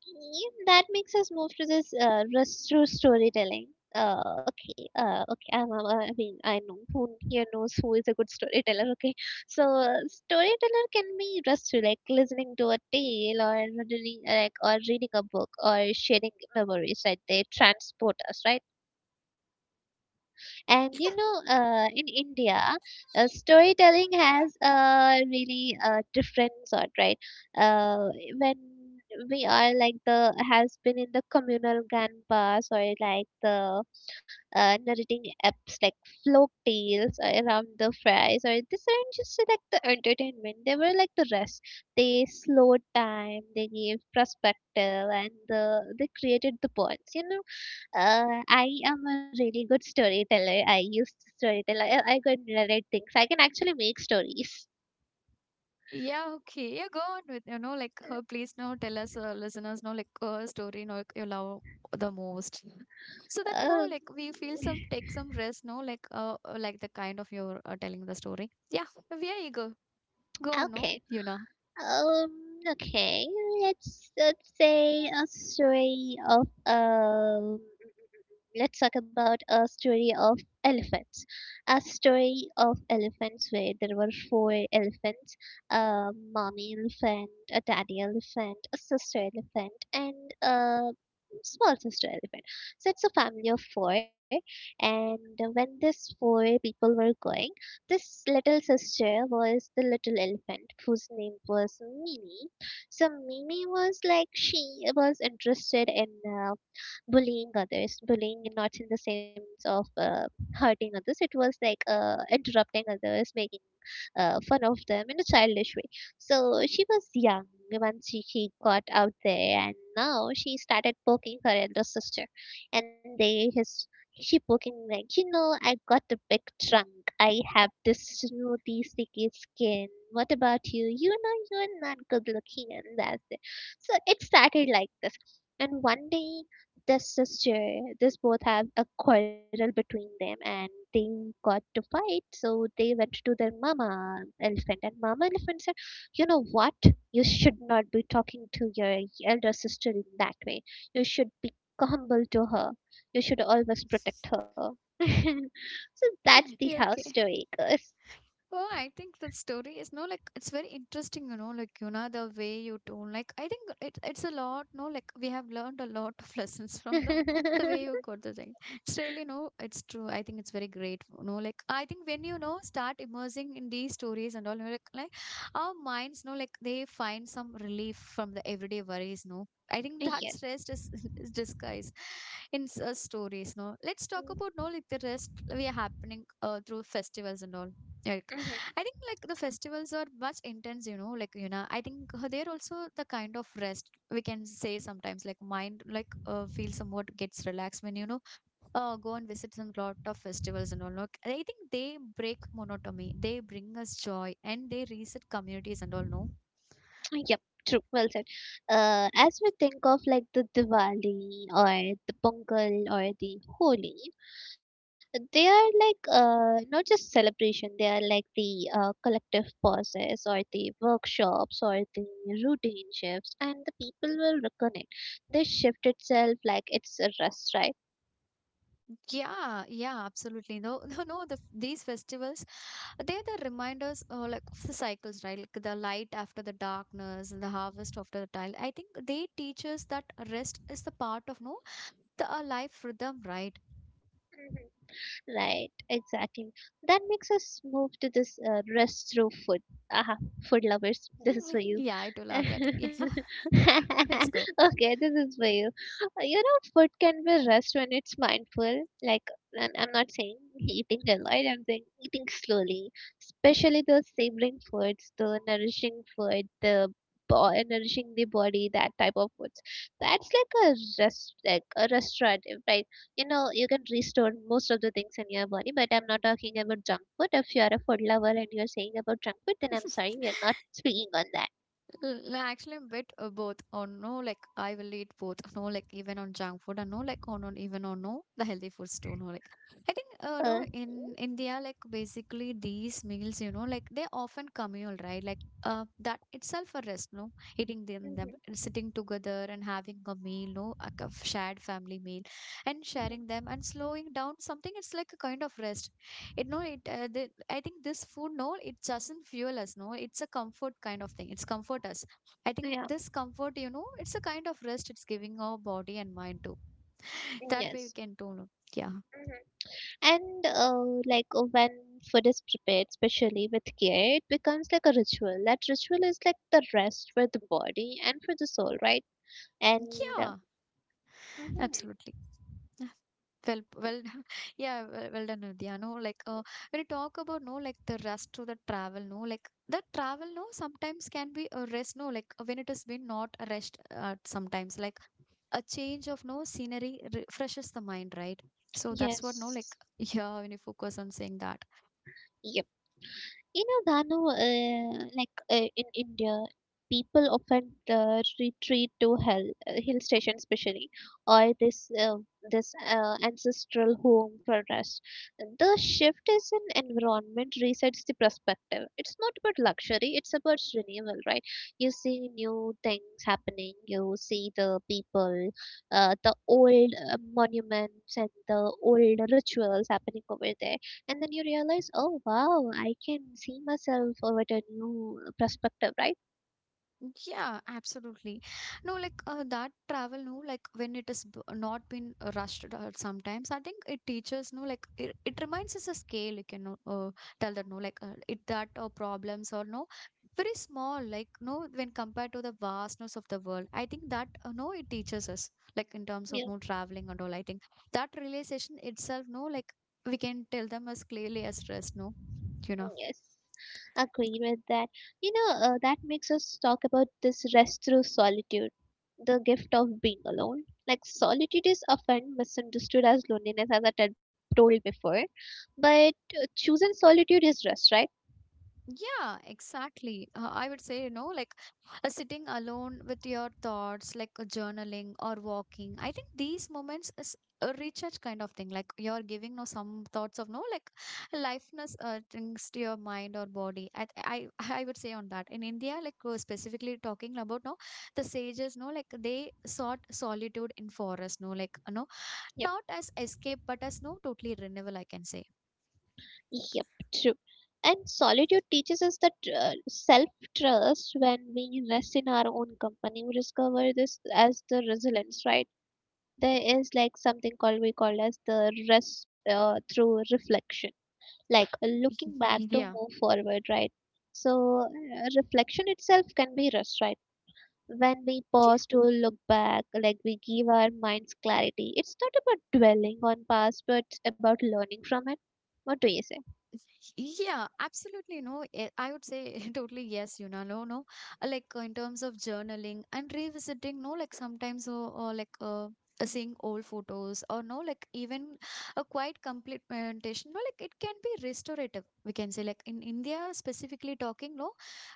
A: Okay, that makes us move to this uh, rus- true storytelling. Uh, okay, uh, okay. I'm, I'm- I mean, I know who here knows who is a good storyteller. Okay, so uh, storyteller can be just to, like listening to a tale or reading, like or reading a book or sharing memories. Right, they transport us, right? And you know, uh, in India, uh, storytelling has a really uh, different sort, right? Uh, when we are like the has been in the communal grandpas or like the uh, narrating apps like folk tales around the fries, or these aren't just like the entertainment, they were like the rest, they slowed time, they gave perspective, and the, they created the bonds you know uh, I am a really good storyteller. I used to storytell. I, I could narrate things. I can actually make stories.
B: Yeah, okay. Yeah, go on with, you know, like, uh, please, no, tell us, uh, listeners, no, like uh, story, no, like, you love the most. So that, no,
A: Um,
B: like, we feel some, take some rest, no, like uh, uh, like the kind of you're, uh, telling the story. Yeah, we are eager. Go on, no,
A: okay.
B: you know.
A: Um, okay. Let's let's say a story of um let's talk about a story of elephants. A story of elephants where there were four elephants, a mommy elephant, a daddy elephant, a sister elephant, and a small sister elephant. So it's a family of four. And when these four people were going, this little sister was the little elephant whose name was Mimi. So Mimi was like she was interested in uh, bullying others, bullying not in the sense of uh, hurting others. It was like uh, interrupting others, making uh, fun of them in a childish way. So she was young once she, she got out there, and now she started poking her elder sister, and they his she poking like you know I got a big trunk. I have this smoothie sticky skin. What about you? You know you're not good looking, and that's it. So it started like this. And one day this sister this both have a quarrel between them and they got to fight, so they went to their mama elephant and mama elephant said, you know what, you should not be talking to your elder sister in that way, you should be humble to her, you should always protect her. So that's the how
B: Okay.
A: story goes.
B: Oh, I think the story is, no, like, it's very interesting, you know, like, you know the way you told. Like, I think it, it's a lot, no, like, we have learned a lot of lessons from the the way you got the thing. It's really, no, it's true. I think it's very great, you know. Like, I think when you know start immersing in these stories and all, you know, like, like our minds, no, like they find some relief from the everyday worries, no. I think that
A: Yes.
B: stress is, is disguised in s- uh, stories, no. Let's talk
A: Mhm.
B: about, no, like, the rest we are happening uh, through festivals and all. Yeah,
A: Mhm.
B: I think like, the festivals are much intense, you know. Like, you know, I think, uh, they're also the kind of rest, we can say sometimes. Like, mind, like, uh, feel somewhat gets relaxed when, you know, uh, go and visit some lot of festivals and all. Like, I think they break monotony. They bring us joy and they reset communities and all. No.
A: Yep, true. Well said. Uh, as we think of like the Diwali or the Pongal or the Holi, they are like uh, not just celebration. They are like the uh, collective pauses or the workshops or the routine shifts, and the people will reconnect. This shift itself, like it's a rest,
B: Yeah, yeah, absolutely. No, no, no. The, these festivals, they're the reminders, uh, like, of the cycles, right? Like the light after the darkness and the harvest after the tile. I think they teach us that rest is the part of, no, the a life rhythm, right?
A: right? Right, exactly. That makes us move to this uh, rest through food. Aha, food lovers, this is for you.
B: Yeah, I do love
A: Okay,
B: that. Yeah, let's go.
A: this is for you. Uh, You know, food can be rest when it's mindful. Like, and I'm not saying eating a lot, I'm saying eating slowly. Especially those savoring foods, the nourishing food, the bo- nourishing the body, that type of foods. That's like a rest, like a restorative, right? You know, you can restore most of the things in your body, but I'm not talking about junk food. If you're a food lover and you're saying about junk food, then I'm sorry, we are not speaking on that.
B: L- l- Actually, a bit, uh, both or no, like, I will eat both. No, like, even on junk food and no, like on, on even on no the healthy foods too. No, like, I think, uh, no,
A: Uh,
B: in India, like, basically these meals, you know, like they often communal, right? Like, uh, that itself a rest. No, eating them, them
A: mhm,
B: sitting together and having a meal. No, like a shared family meal, and
A: mhm,
B: sharing them and slowing down something. It's like a kind of rest. It, no, it, uh, the, I think this food, no, it doesn't fuel us, no, it's a comfort kind of thing. It's comfort us. I think
A: yeah,
B: this comfort, you know, it's a kind of rest. It's giving our body and mind too. That way we
A: yes.
B: can tone it. Yeah,
A: Mhm. And uh, like uh, when food is prepared, especially with care, it becomes like a ritual. That ritual is like the rest for the body and for the soul, right? And uh,
B: yeah,
A: mhm,
B: absolutely. Well well yeah, well, well done, Vidya. No, like uh, when you talk about, no, like, the rest to the travel, no, like the travel, no, sometimes can be a rest, no, like, uh, when it has been not a rest, uh, sometimes, like a change of no scenery refreshes the mind, right? So that's what, no,
A: yes,
B: like, yeah, when you focus on saying that.
A: you know, Danu, uh, like uh, in India, people often uh, retreat to hell, uh, hill station especially, or this uh, this uh, ancestral home for rest. The shift is in environment resets the perspective. It's not about luxury; it's about renewal, right? You see new things happening. You see the people, uh, the old uh, monuments and the old rituals happening over there, and then you realize, oh wow, I can see myself over a new perspective, right?
B: Yeah, absolutely. No, like uh, that travel, no, like when it is b- not been rushed out sometimes, I think it teaches, no, like, it, it reminds us a scale. You can, uh, tell that, no, like uh, it that or problems or no, very small, like, no, when compared to the vastness of the world. I think that, uh, no, it teaches us, like in terms of
A: Yeah,
B: no traveling and all. I think that realization itself, no, like, we can tell them as clearly as rest, no, you know.
A: yes, agree with that. You know uh, that makes us talk about this rest through solitude, the gift of being alone. Like solitude is often misunderstood as loneliness, as I had told before, but uh, choosing solitude is rest, right?
B: Yeah, exactly. Uh, I would say, you know, like, uh, sitting alone with your thoughts, like, uh, journaling or walking. I think these moments is a recharge kind of thing. Like, you're giving no some thoughts of no like lifeness uh, things to your mind or body. I I I would say on that. In India, like, uh, specifically talking about no the sages, no, like they sought solitude in forest, no, like, no,
A: Yep.
B: not as escape but as no totally renewal, I can say.
A: Yep, true. And solitude teaches us that uh, self trust. When we rest in our own company, we discover this as the resilience, right? There is like something called we call as the rest uh, through reflection, like looking back to
B: Yeah.
A: move forward, right? So uh, reflection itself can be rest, right? When we pause to look back, like we give our minds clarity. It's not about dwelling on past, but about learning from it. What do you say?
B: Yeah, absolutely. No, eh, I would say totally yes, you know, no, no. Uh, Like, uh, in terms of journaling and revisiting, no, like, sometimes, or, or like, uh, uh, seeing old photos or no, like, even a quite complete meditation, no, like it can be restorative. We can say, like, in India specifically talking, no,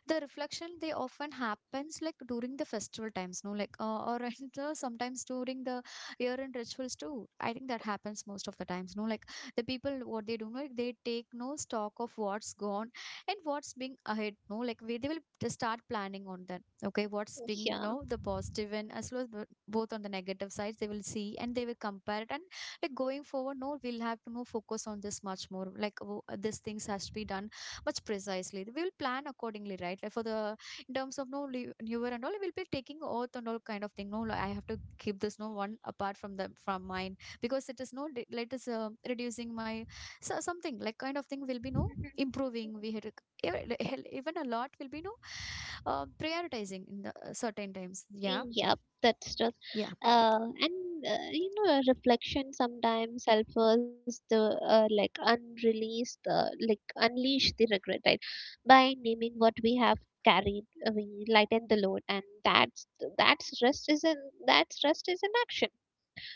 B: the reflection they often happens like during the festival times, no, like uh, or and, uh, sometimes during the year-end rituals too. I think that happens most of the times, no, like, the people what they do know, they take no stock of what's gone and what's being ahead, no, like, we, they will just start planning on that. Okay, what's being,
A: Yeah.
B: no, the positive and as well as the, both on the negative sides they will see and they will compare it. And like going forward, no, we'll have to no focus on this much more, like, w- this things has to be done much precisely, we will plan accordingly, right? Like for the, in terms of no li- newer and all, we'll be taking oath and all kind of thing, no, like, I have to keep this no one apart from the from mine, because it is no de- like it is, uh, reducing my, so something like kind of thing will be no
A: Mhm.
B: improving. We had even, even a lot will be no, uh, prioritizing in the, uh, certain times. Yeah,
A: Yep, that's true.
B: yeah,
A: Uh, and uh, you know, reflection sometimes helps us the uh, like unreleased, uh, like unleash the regret, right? By naming what we have carried, uh, we lighten the load, and that's that's rest is an that's rest is an action.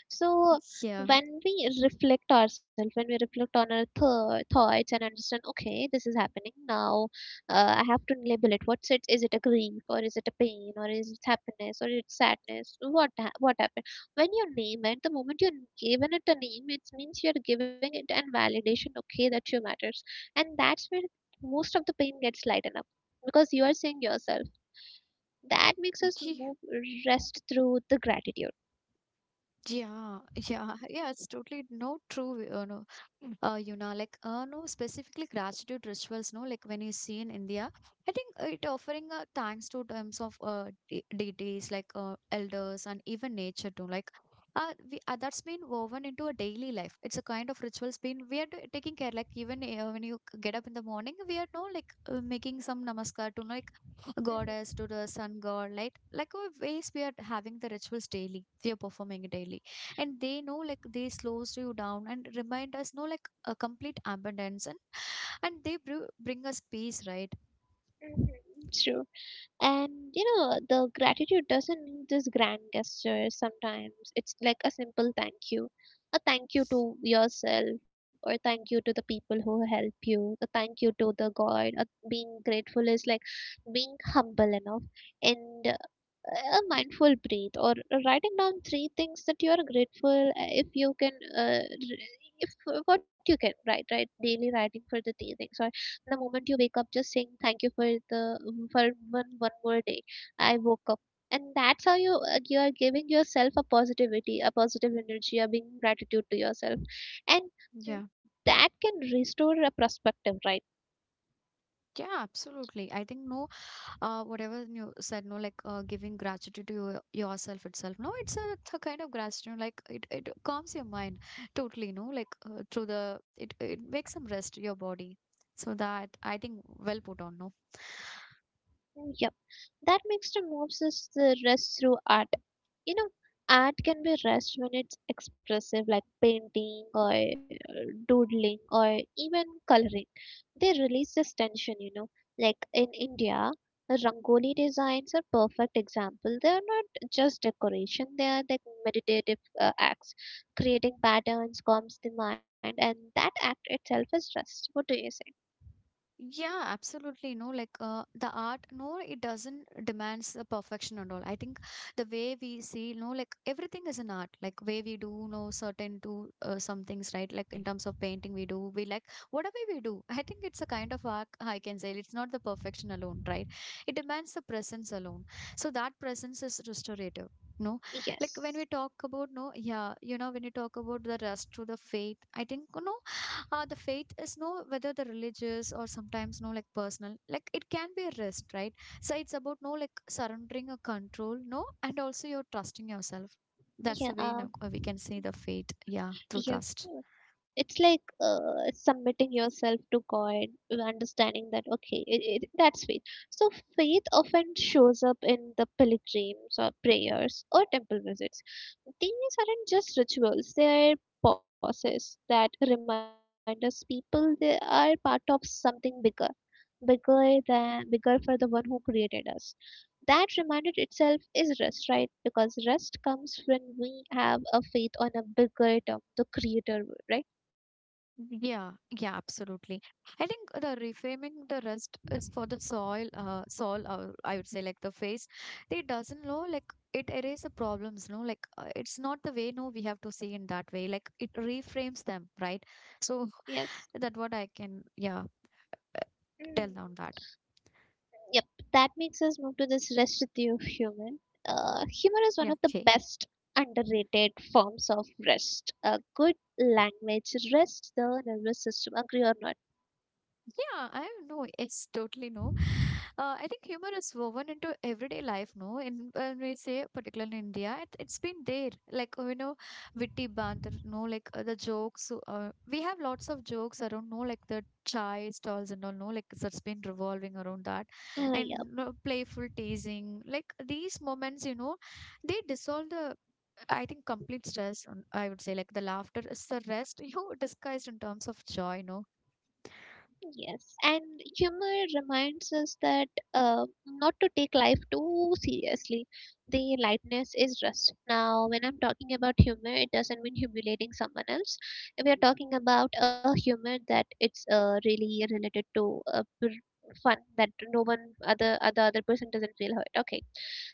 A: So
B: yeah.
A: when we reflect ourselves, when we reflect on our th- thoughts and understand, okay, this is happening now. Uh, I have to label it. What's it? Is it a grief or is it a pain or is it happiness or it's sadness? What ha- what happened? When you name it, the moment you give it a name, it means you're giving it an validation. Okay, that you matters, and that's where most of the pain gets lightened up because you are seeing yourself. That makes us move rest through the gratitude.
B: Yeah, yeah, yeah, it's totally no true, you know. Mm. Uh, you know, like, uh, no, specifically gratitude rituals, no, like when you see in India, I think, uh, it offering uh, thanks to terms of, uh, de- deities, like, uh, elders and even nature too, like, uh, we, uh, that's been woven into a daily life. It's a kind of rituals been, we are t- taking care, like, even, uh, when you c- get up in the morning, we are, no, like uh, making some namaskar to, like, goddess to the sun god. Like like uh, ways we are having the rituals daily, we are performing it daily. And they know, like they slows you down and remind us know, like, a complete abundance, and and they br- bring us peace, right?
A: Mhm, mhm. True. And you know, the gratitude doesn't need this grand gesture sometimes. It's like a simple thank you. A thank you to yourself, or thank you to the people who help you, a thank you to the God. A being grateful is like being humble enough. And a mindful breathe or writing down three things that you are grateful uh, if you can uh, r- if what you can write right, daily writing for the three things, or the moment you wake up just saying thank you for the um, for one one more day I woke up, and that's how you uh, you are giving yourself a positivity, a positive energy, a being gratitude to yourself, and
B: Yeah,
A: that can restore a perspective, right?
B: yeah, absolutely, I think, no, uh whatever you said, no, like, uh, giving gratitude to your, yourself itself, no, it's a, it's a kind of gratitude. Like it, it calms your mind totally, no, like, uh, through the, it, it makes some rest your body. So that I think well put on, no.
A: Yep. That mixture moves us the rest through art. You know, art can be rest when it's expressive, like painting or uh, doodling or even coloring. They release this tension, you know. Like in India, Rangoli designs are perfect example. They are not just decoration; they are like meditative uh, acts. Creating patterns calms the mind, and that act itself is rest. What do you say?
B: Yeah, absolutely. No, like uh, the art, no, it doesn't demands the perfection and all. I think the way we see, no, like, everything is an art. Like way we do, no, certain do uh, some things, right? Like in terms of painting, we do, we like whatever we do. I think it's a kind of art. I can say it's not the perfection alone, right? It demands the presence alone. So that presence is restorative. No, like
A: Yes.
B: when we talk about no, yeah, you know, when you talk about the rest to the faith, I think no uh, the faith is no whether the religious or sometimes no like personal, like it can be a risk, right? So it's about no like surrendering a control no, and also you're trusting yourself. That's the
A: Yeah,
B: way no,
A: uh,
B: uh, we can see the faith, yeah, through
A: yep.
B: trust.
A: It's like uh, submitting yourself to God, uh, understanding that, okay, it, it, that's faith. So, faith often shows up in the pilgrims or prayers or temple visits. These aren't just rituals, they're pauses that remind us people they are part of something bigger, bigger than bigger for the one who created us. That reminded itself is rest, right? Because rest comes when we have a faith on a bigger term the creator would, right?
B: Yeah, yeah, absolutely. I think the reframing the rest is for the soil uh soul, uh, I would say, like the face, they doesn't know like it erases the problems no, like uh, it's not the way no we have to see in that way, like it reframes them, right? So
A: Yes.
B: that what I can, yeah, uh,
A: Mm.
B: tell on that.
A: Yep, that makes us move to this rest theory of human uh, humor is one
B: Yeah.
A: of the
B: Okay.
A: best underrated forms of rest. A good language rests the nervous system, agree or not?
B: Yeah, I know. It's totally no. Uh, I think humor is woven into everyday life. No, in when we say particularly in India, it, it's been there. Like uh, you know, witty banter. No, like uh, the jokes. Uh, we have lots of jokes around. No, like the chai stalls and all. No, like that's been revolving around that,
A: Uh, yeah.
B: and no, playful teasing. Like these moments, you know, they dissolve the I think complete stress, on- I would say, like the laughter is the rest, you know, disguised in terms of joy, no?
A: Yes, and humor reminds us that uh, not to take life too seriously. The lightness is rust. Now, when I'm talking about humor, it doesn't mean humiliating someone else. We are talking about a humor that it's uh, really related to uh, pr- fun that no one other other other person doesn't feel hurt. Okay,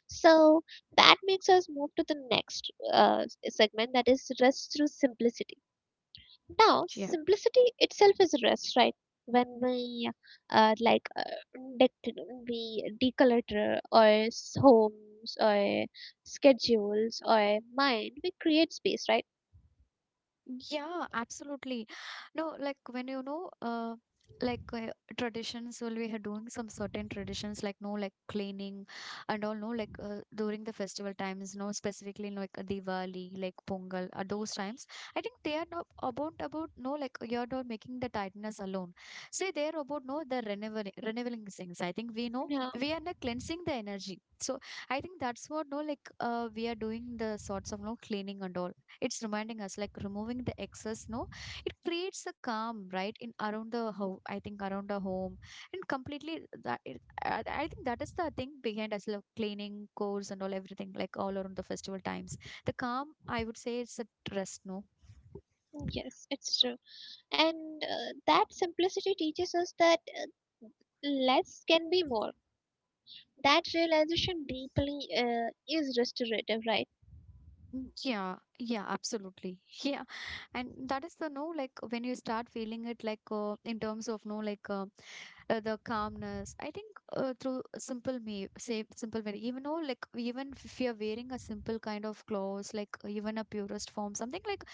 A: so that makes us move to the next uh, s- segment that is rest through simplicity. Now,
B: Yeah.
A: simplicity itself is rest, right? When we uh, like uh, dec- we declutter our s- homes or schedules or mind, we create space, right?
B: Yeah, absolutely. No, like when you know, uh, like uh, traditions, well, we are doing some certain traditions, like no, like cleaning and all, no, like uh, during the festival times, no, specifically like uh, Diwali, like Pongal, uh, those times. I think they are not about about no, like you're not making the tightness alone. See, they are about no, the renewing renewing things. I think we know
A: Yeah,
B: we are not cleansing the energy. So I think that's what no, like uh, we are doing the sorts of no cleaning and all, it's reminding us like removing the excess no, it creates a calm, right, in around the how I think around the home, and completely that it, I, I think that is the thing behind us like cleaning chores and all, everything like all around the festival times, the calm I would say it's a rest no.
A: yes, it's true. And uh, that simplicity teaches us that uh, less can be more. That realization deeply uh, is restorative, right?
B: Mm, yeah, yeah, absolutely, yeah. And that is the no like when you start feeling it like uh, in terms of no like uh, uh, the calmness I think uh, through simple me say simple way, even though like even if you're wearing a simple kind of clothes like uh, even a purest form something like,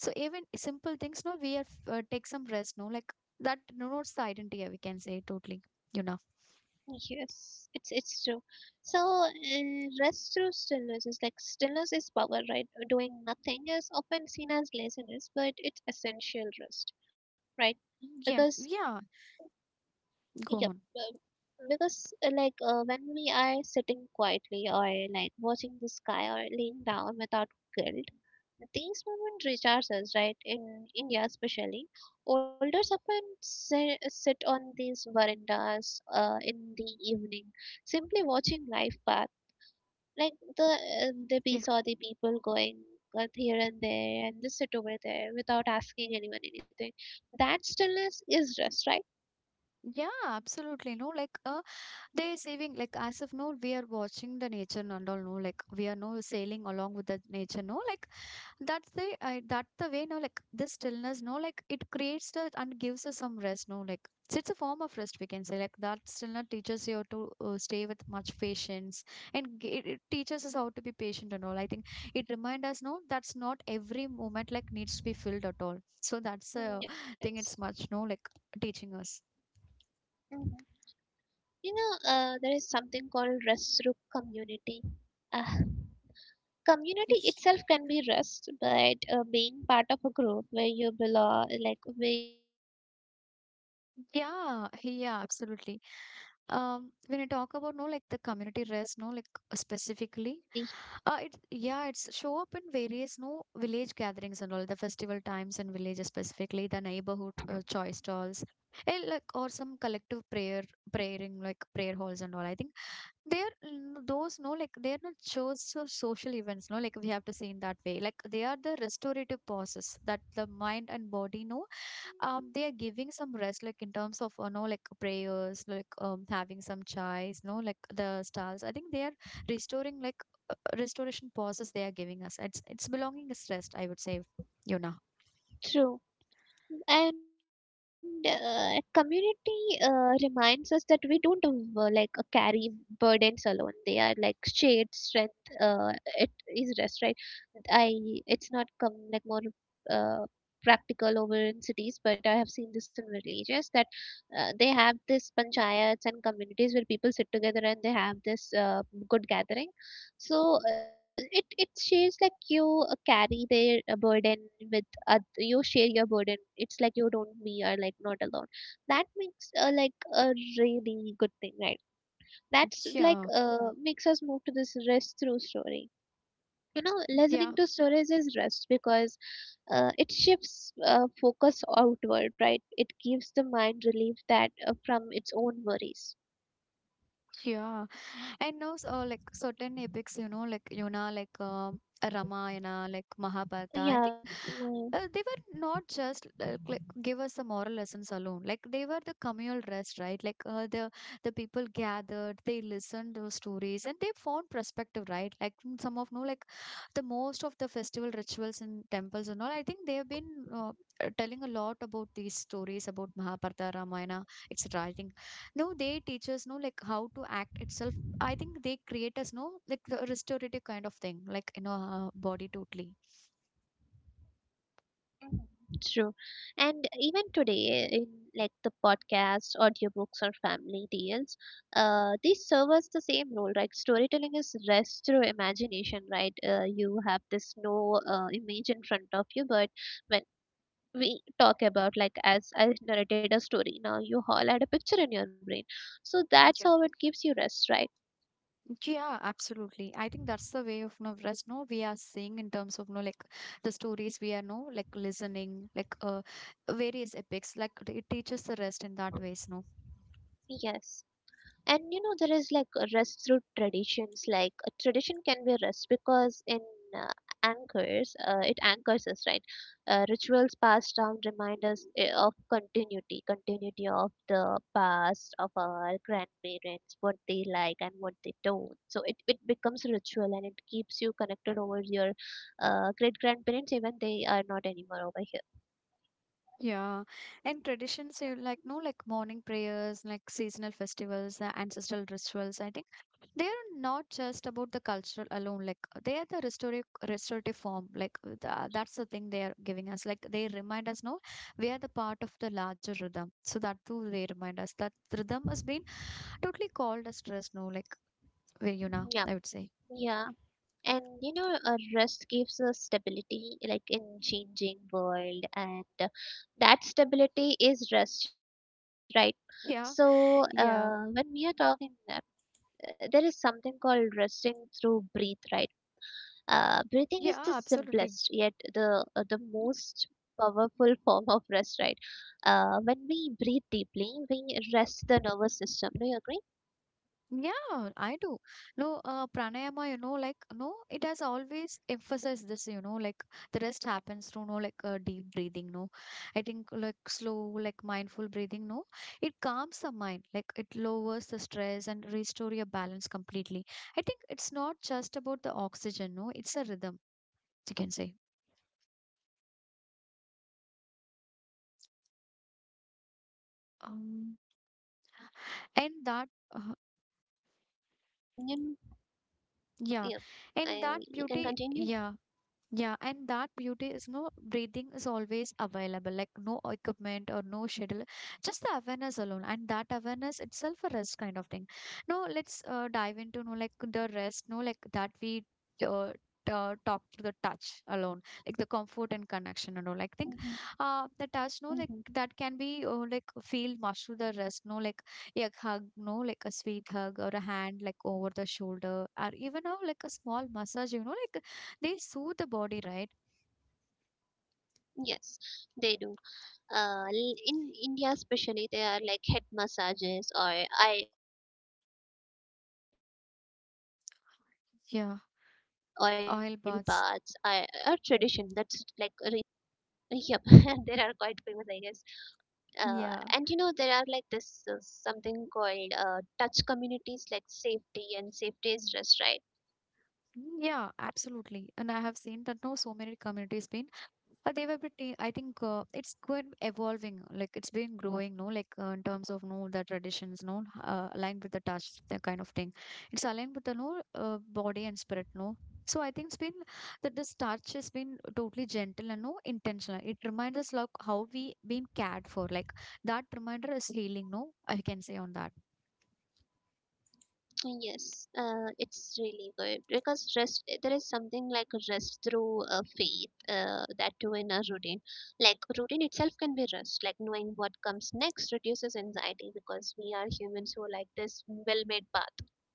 B: so even simple things no, we are f- uh, take some rest no like that denotes the identity, uh, we can say totally, you know.
A: Yes, it's it's true. So uh, rest through stillness is like stillness is power, right? Doing nothing is often seen as laziness, but it's essential rest, right? Because,
B: Yeah, yeah,
A: yep,
B: go on.
A: um, because uh, like uh, when we are sitting quietly or like watching the sky or laying down without guilt, these moments recharge us, right? In India especially, older women si- sit on these verandas uh, in the evening, simply watching life path. Like the uh, the we
B: Yeah,
A: saw the people going uh, here and there and just sit over there without asking anyone anything. That stillness is rest, right?
B: yeah, absolutely. No, like uh, they're saving like as of now we are watching the nature and all. No, like we are no sailing along with the nature. No, like that's the I that's the way no like this stillness no like it creates the and gives us some rest no like, so it's a form of rest we can say, like that stillness teaches you to uh, stay with much patience and g- it, it teaches us how to be patient and all I think it reminds us no that's not every moment like needs to be filled at all, so that's
A: Mm,
B: a
A: yes.
B: thing it's much no like teaching us.
A: Mhm. You know, uh, there is something called rest Rasruk community. Uh, community itself can be rest, but uh, being part of a group where you belong, like where you belong, reduces stress.
B: Yeah,
A: Uh,
B: yeah, absolutely. um when I talk about no like the community rest no like specifically uh it, yeah, it's show up in various no village gatherings and all the festival times in villages, specifically the neighborhood uh, choice stalls and like or some collective prayer praying like prayer halls and all I think they're mm, those no like they're not shows of social events no like we have to see in that way, like they are the restorative pauses that the mind and body no, um they are giving some rest like in terms of you know like prayers, like um having some chais, you know, like the stars, I think they are restoring like uh, restoration pauses they are giving us, it's it's belonging is rest, I would say. Yuna.
A: true. And uh, community uh, reminds us that we don't uh, like uh, carry burdens alone. They are like shared strength. Uh, it is rest, right? I it's not come like more uh, practical over in cities, but I have seen this in villages that uh, they have this panchayats and communities where people sit together and they have this uh, good gathering. So uh, it it shares like you uh, carry their uh, burden with uh, you share your burden. It's like you don't me are like not alone. That makes uh, like a really good thing, right? That's like
B: Yeah,
A: uh, makes us move to this rest through story. You know
B: yeah,
A: listening to stories is rest because uh, it shifts uh, focus outward, right? It gives the mind relief that uh, from its own worries.
B: yeah. And now, so, like certain epics, you know, like Yuna, like um Ramayana, like Mahabharata.
A: Yeah.
B: I think
A: Uh,
B: uh, they were not just uh, like give us the moral lessons alone. Like they were the communal rest, right? Like uh, the the people gathered, they listened those stories, and they found perspective,
A: yeah, mm,
B: right? Like mm, some
A: yeah.
B: of no, like the most of the festival rituals in temples and all. I think they have been. Uh, uh, telling a lot about these stories about Mahabharata, Ramayana, etc. I think no they teach us no like how to act itself. I think they create us no like the restorative kind of thing, like you know, our body totally.
A: Mhm. True. And even today, in like the podcasts, audiobooks, or family deals, uh, these serve us the same role, right? Storytelling is rest through imagination, right? Uh, you have this no uh, image in front of you, but when we talk about like as I narrated a story now, you all had a picture in your brain. So that's
B: Yeah,
A: how it gives you rest, right?
B: yeah, absolutely. I think that's the way of no rest. No, we are seeing in terms of no like the stories we are no like listening like uh various epics, like it teaches the rest in that ways. No,
A: Yes. and you know there is like a rest through traditions. Like a tradition can be a rest because in uh, anchors, uh, it anchors us, right? Uh, rituals passed down remind us, eh, of continuity, continuity of the past, of our grandparents, what they like and what they don't. So it, it becomes a ritual and it keeps you connected over your uh, great grandparents, even they are not anymore over here.
B: yeah, and traditions you like no like morning prayers, like seasonal festivals, the ancestral rituals. I think they are not just about the cultural alone like they are the restorative restorative form, like uh, tha- that's the thing they are giving us, like they remind us no we are the part of the larger rhythm, so that too they remind us that rhythm has been totally called as stress no like where you know
A: Yeah.
B: I would say.
A: Yeah and you know, a rest gives us stability like in changing world, and uh, that stability is rest, right?
B: Yeah,
A: So uh,
B: yeah,
A: when we are talking, uh, there is something called resting through breathe, right? Uh, breathing
B: yeah,
A: is the
B: absolutely.
A: simplest, yet the uh, the most powerful form of rest, right? Uh, when we breathe deeply, we rest the nervous system. Do you agree?
B: Yeah, I do. No, uh, pranayama, you know, like, no, it has always emphasized this, you know, like the rest happens through, no, like uh, deep breathing, no. I think like slow, like mindful breathing, no. It calms the mind, like it lowers the stress and restore your balance completely. I think it's not just about the
A: Stores.
B: oxygen,
A: Yeah.
B: no, it's a rhythm, you can say.
A: Yeah. It's true. So
B: Um,
A: uh, when we are
B: and
A: talking
B: that,
A: on this,
B: uh,
A: it's like uh, and you know,
B: yeah,
A: yeah,
B: and that
A: I,
B: beauty,
A: you can
B: yeah.
A: continue.
B: Yeah, and that beauty is no breathing is always available, like no equipment or no schedule, just the awareness alone. And that awareness itself a rest kind of thing. No, let's uh, dive into no like the rest, no like that we uh, uh, talk to the touch alone, like the comfort and connection and all. Like think,
A: Hmm.
B: uh, the touch, no like
A: Hmm.
B: that can be uh, like feel much to the rest, no like a hug, no like a sweet hug or a hand like over the shoulder or even uh, like a small massage, you know like they soothe the body, right?
A: Yes, they do. Uh, l- in India especially, there are like head massages or eye oil baths are a tradition that's like restore
B: Yeah,
A: the body, uh, both
B: oil
A: the
B: baths.
A: body and the spirit. And uh, Yep, there are quite famous, I guess.
B: Yeah.
A: uh, and you know, there are like this uh, something called uh, touch communities like safety, and safety is rest, right?
B: Yeah, absolutely. And I have seen that now so many communities been uh, they were pretty, I think uh, it's good evolving, like it's been growing, no, like uh, in terms of no the traditions, no, uh, aligned with the touch, that kind of thing. It's aligned with the no uh, body and spirit, no. So I think it's been that this touch has been totally gentle and no intentional. It reminds us like how we been cared for, like that reminder is healing, no, I can say on that.
A: Yes, uh, it's really good because rest, there is something like rest through uh, faith, uh, that too in a routine. Like routine itself can be rest, like knowing what comes next reduces anxiety, because we are humans who like this well made path,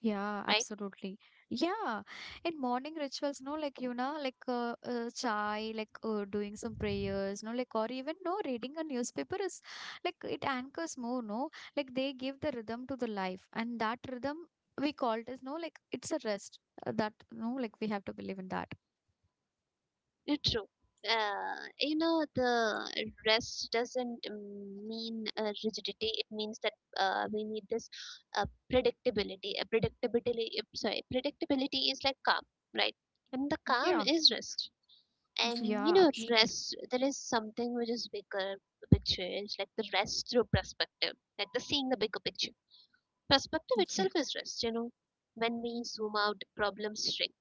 B: Yeah,
A: right?
B: absolutely. Yeah, in morning rituals, no, like you know, like uh, uh, chai, like uh, doing some prayers, no, like or even no reading a newspaper is like it anchors more, no, like they give the rhythm to the life, and that rhythm we call it as no, like it's a rest uh, that no, like we have to believe in that.
A: Uh, true. Uh, you know, the rest doesn't mm, mean uh, rigidity. It means that uh, we need this uh, predictability. A predictability, uh, sorry, predictability is like calm, right? And the calm
B: Yeah,
A: is rest. And you
B: yeah,
A: know,
B: absolutely.
A: rest. There is something which is bigger picture. It's like the rest through perspective, like the seeing the bigger picture. Perspective
B: Yeah.
A: itself is rest. You know, when we zoom out, problems shrink.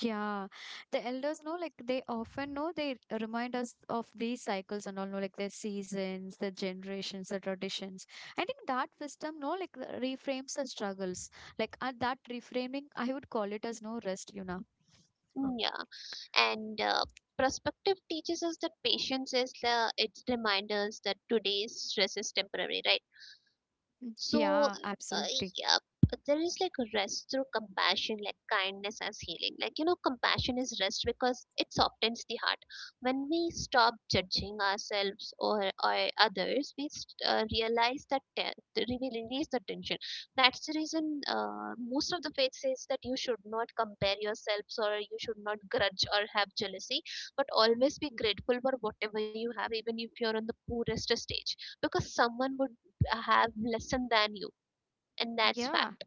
B: Yeah, the elders know like they often know they remind us of these cycles and all know like the seasons, the generations, the traditions. I think that wisdom no like uh, reframes the struggles. Like uh, that reframing, I would call it as no rest, you know.
A: Mm, Yeah, and uh, perspective teaches us that patience is the its reminders that today's stress is temporary, right?
B: Mm,
A: So,
B: yeah,
A: uh,
B: absolutely.
A: yeah, but there is like rest through compassion, like kindness as healing. Like, you know, compassion is rest because it softens the heart. When we stop judging ourselves or, or others, we st- uh, realize that te- that we will release the tension. That's the reason uh, most of the faith says that you should not compare yourselves or you should not grudge or have jealousy, but always be grateful for whatever you have, even if you're on the poorest stage, because someone would have lesser than you, and that's
B: Yeah.
A: fact.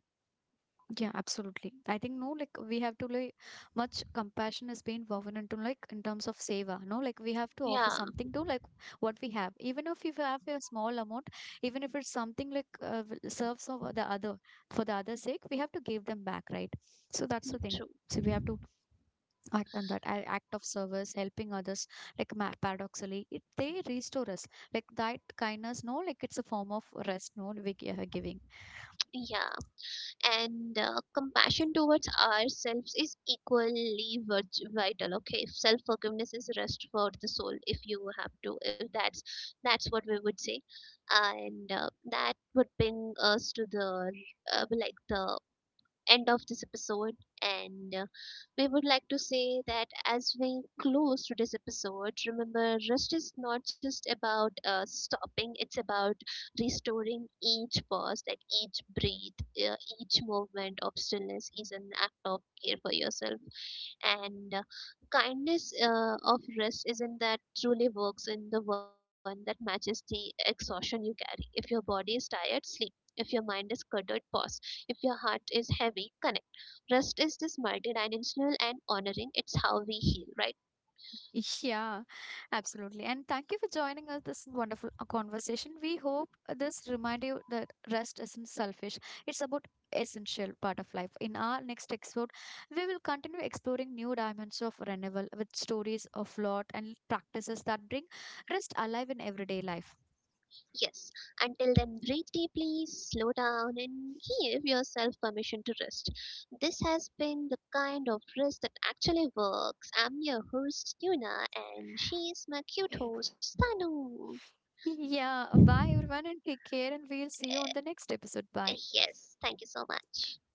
B: Yeah, absolutely. I think no, like we have to like much compassion has been woven into like in terms of seva. No, like we have to offer
A: Yeah,
B: something to like what we have, even if you have a small amount, even if it's something like uh, w- serves of the other for the other's sake, we have to give them back, right? So that's the thing.
A: true.
B: So we have to act on that a- act of service, helping others. Like ma- paradoxically, it they restore us. Like that kindness, no, like it's a form of rest. No, we gi- uh, giving.
A: Yeah, and uh, compassion towards ourselves is equally vit- vital. Okay, self forgiveness is rest for the soul. If you have to, if that's that's what we would say, and uh, that would bring us to the uh, like the end of this episode. And uh, We would like to say that as we close today's episode, remember rest is not just about uh, stopping, it's about restoring. Each pause, like each breath, uh, each movement of stillness is an act of care for yourself, and uh, kindness uh, of rest isn't that truly works in the one that matches the exhaustion you carry. If your body is tired, sleep. If your mind is cluttered, pause. If your heart is heavy, connect. Rest is this multidimensional, and honoring it's how we heal, right?
B: Yeah, absolutely. And thank you for joining us this wonderful uh, conversation. We hope this remind you that rest isn't selfish. It's about essential part of life. In our next episode, we will continue exploring new dimensions of renewal with stories of lot and practices that bring rest alive in everyday life.
A: Yes, until then, breathe deeply, slow down, and give yourself permission to rest. This has been the kind of rest that actually works. I'm your host, Yuna, and she's my cute host, Tanu.
B: Yeah, bye everyone and take care and we'll see you on the next episode. Bye.
A: Yes, thank you so much.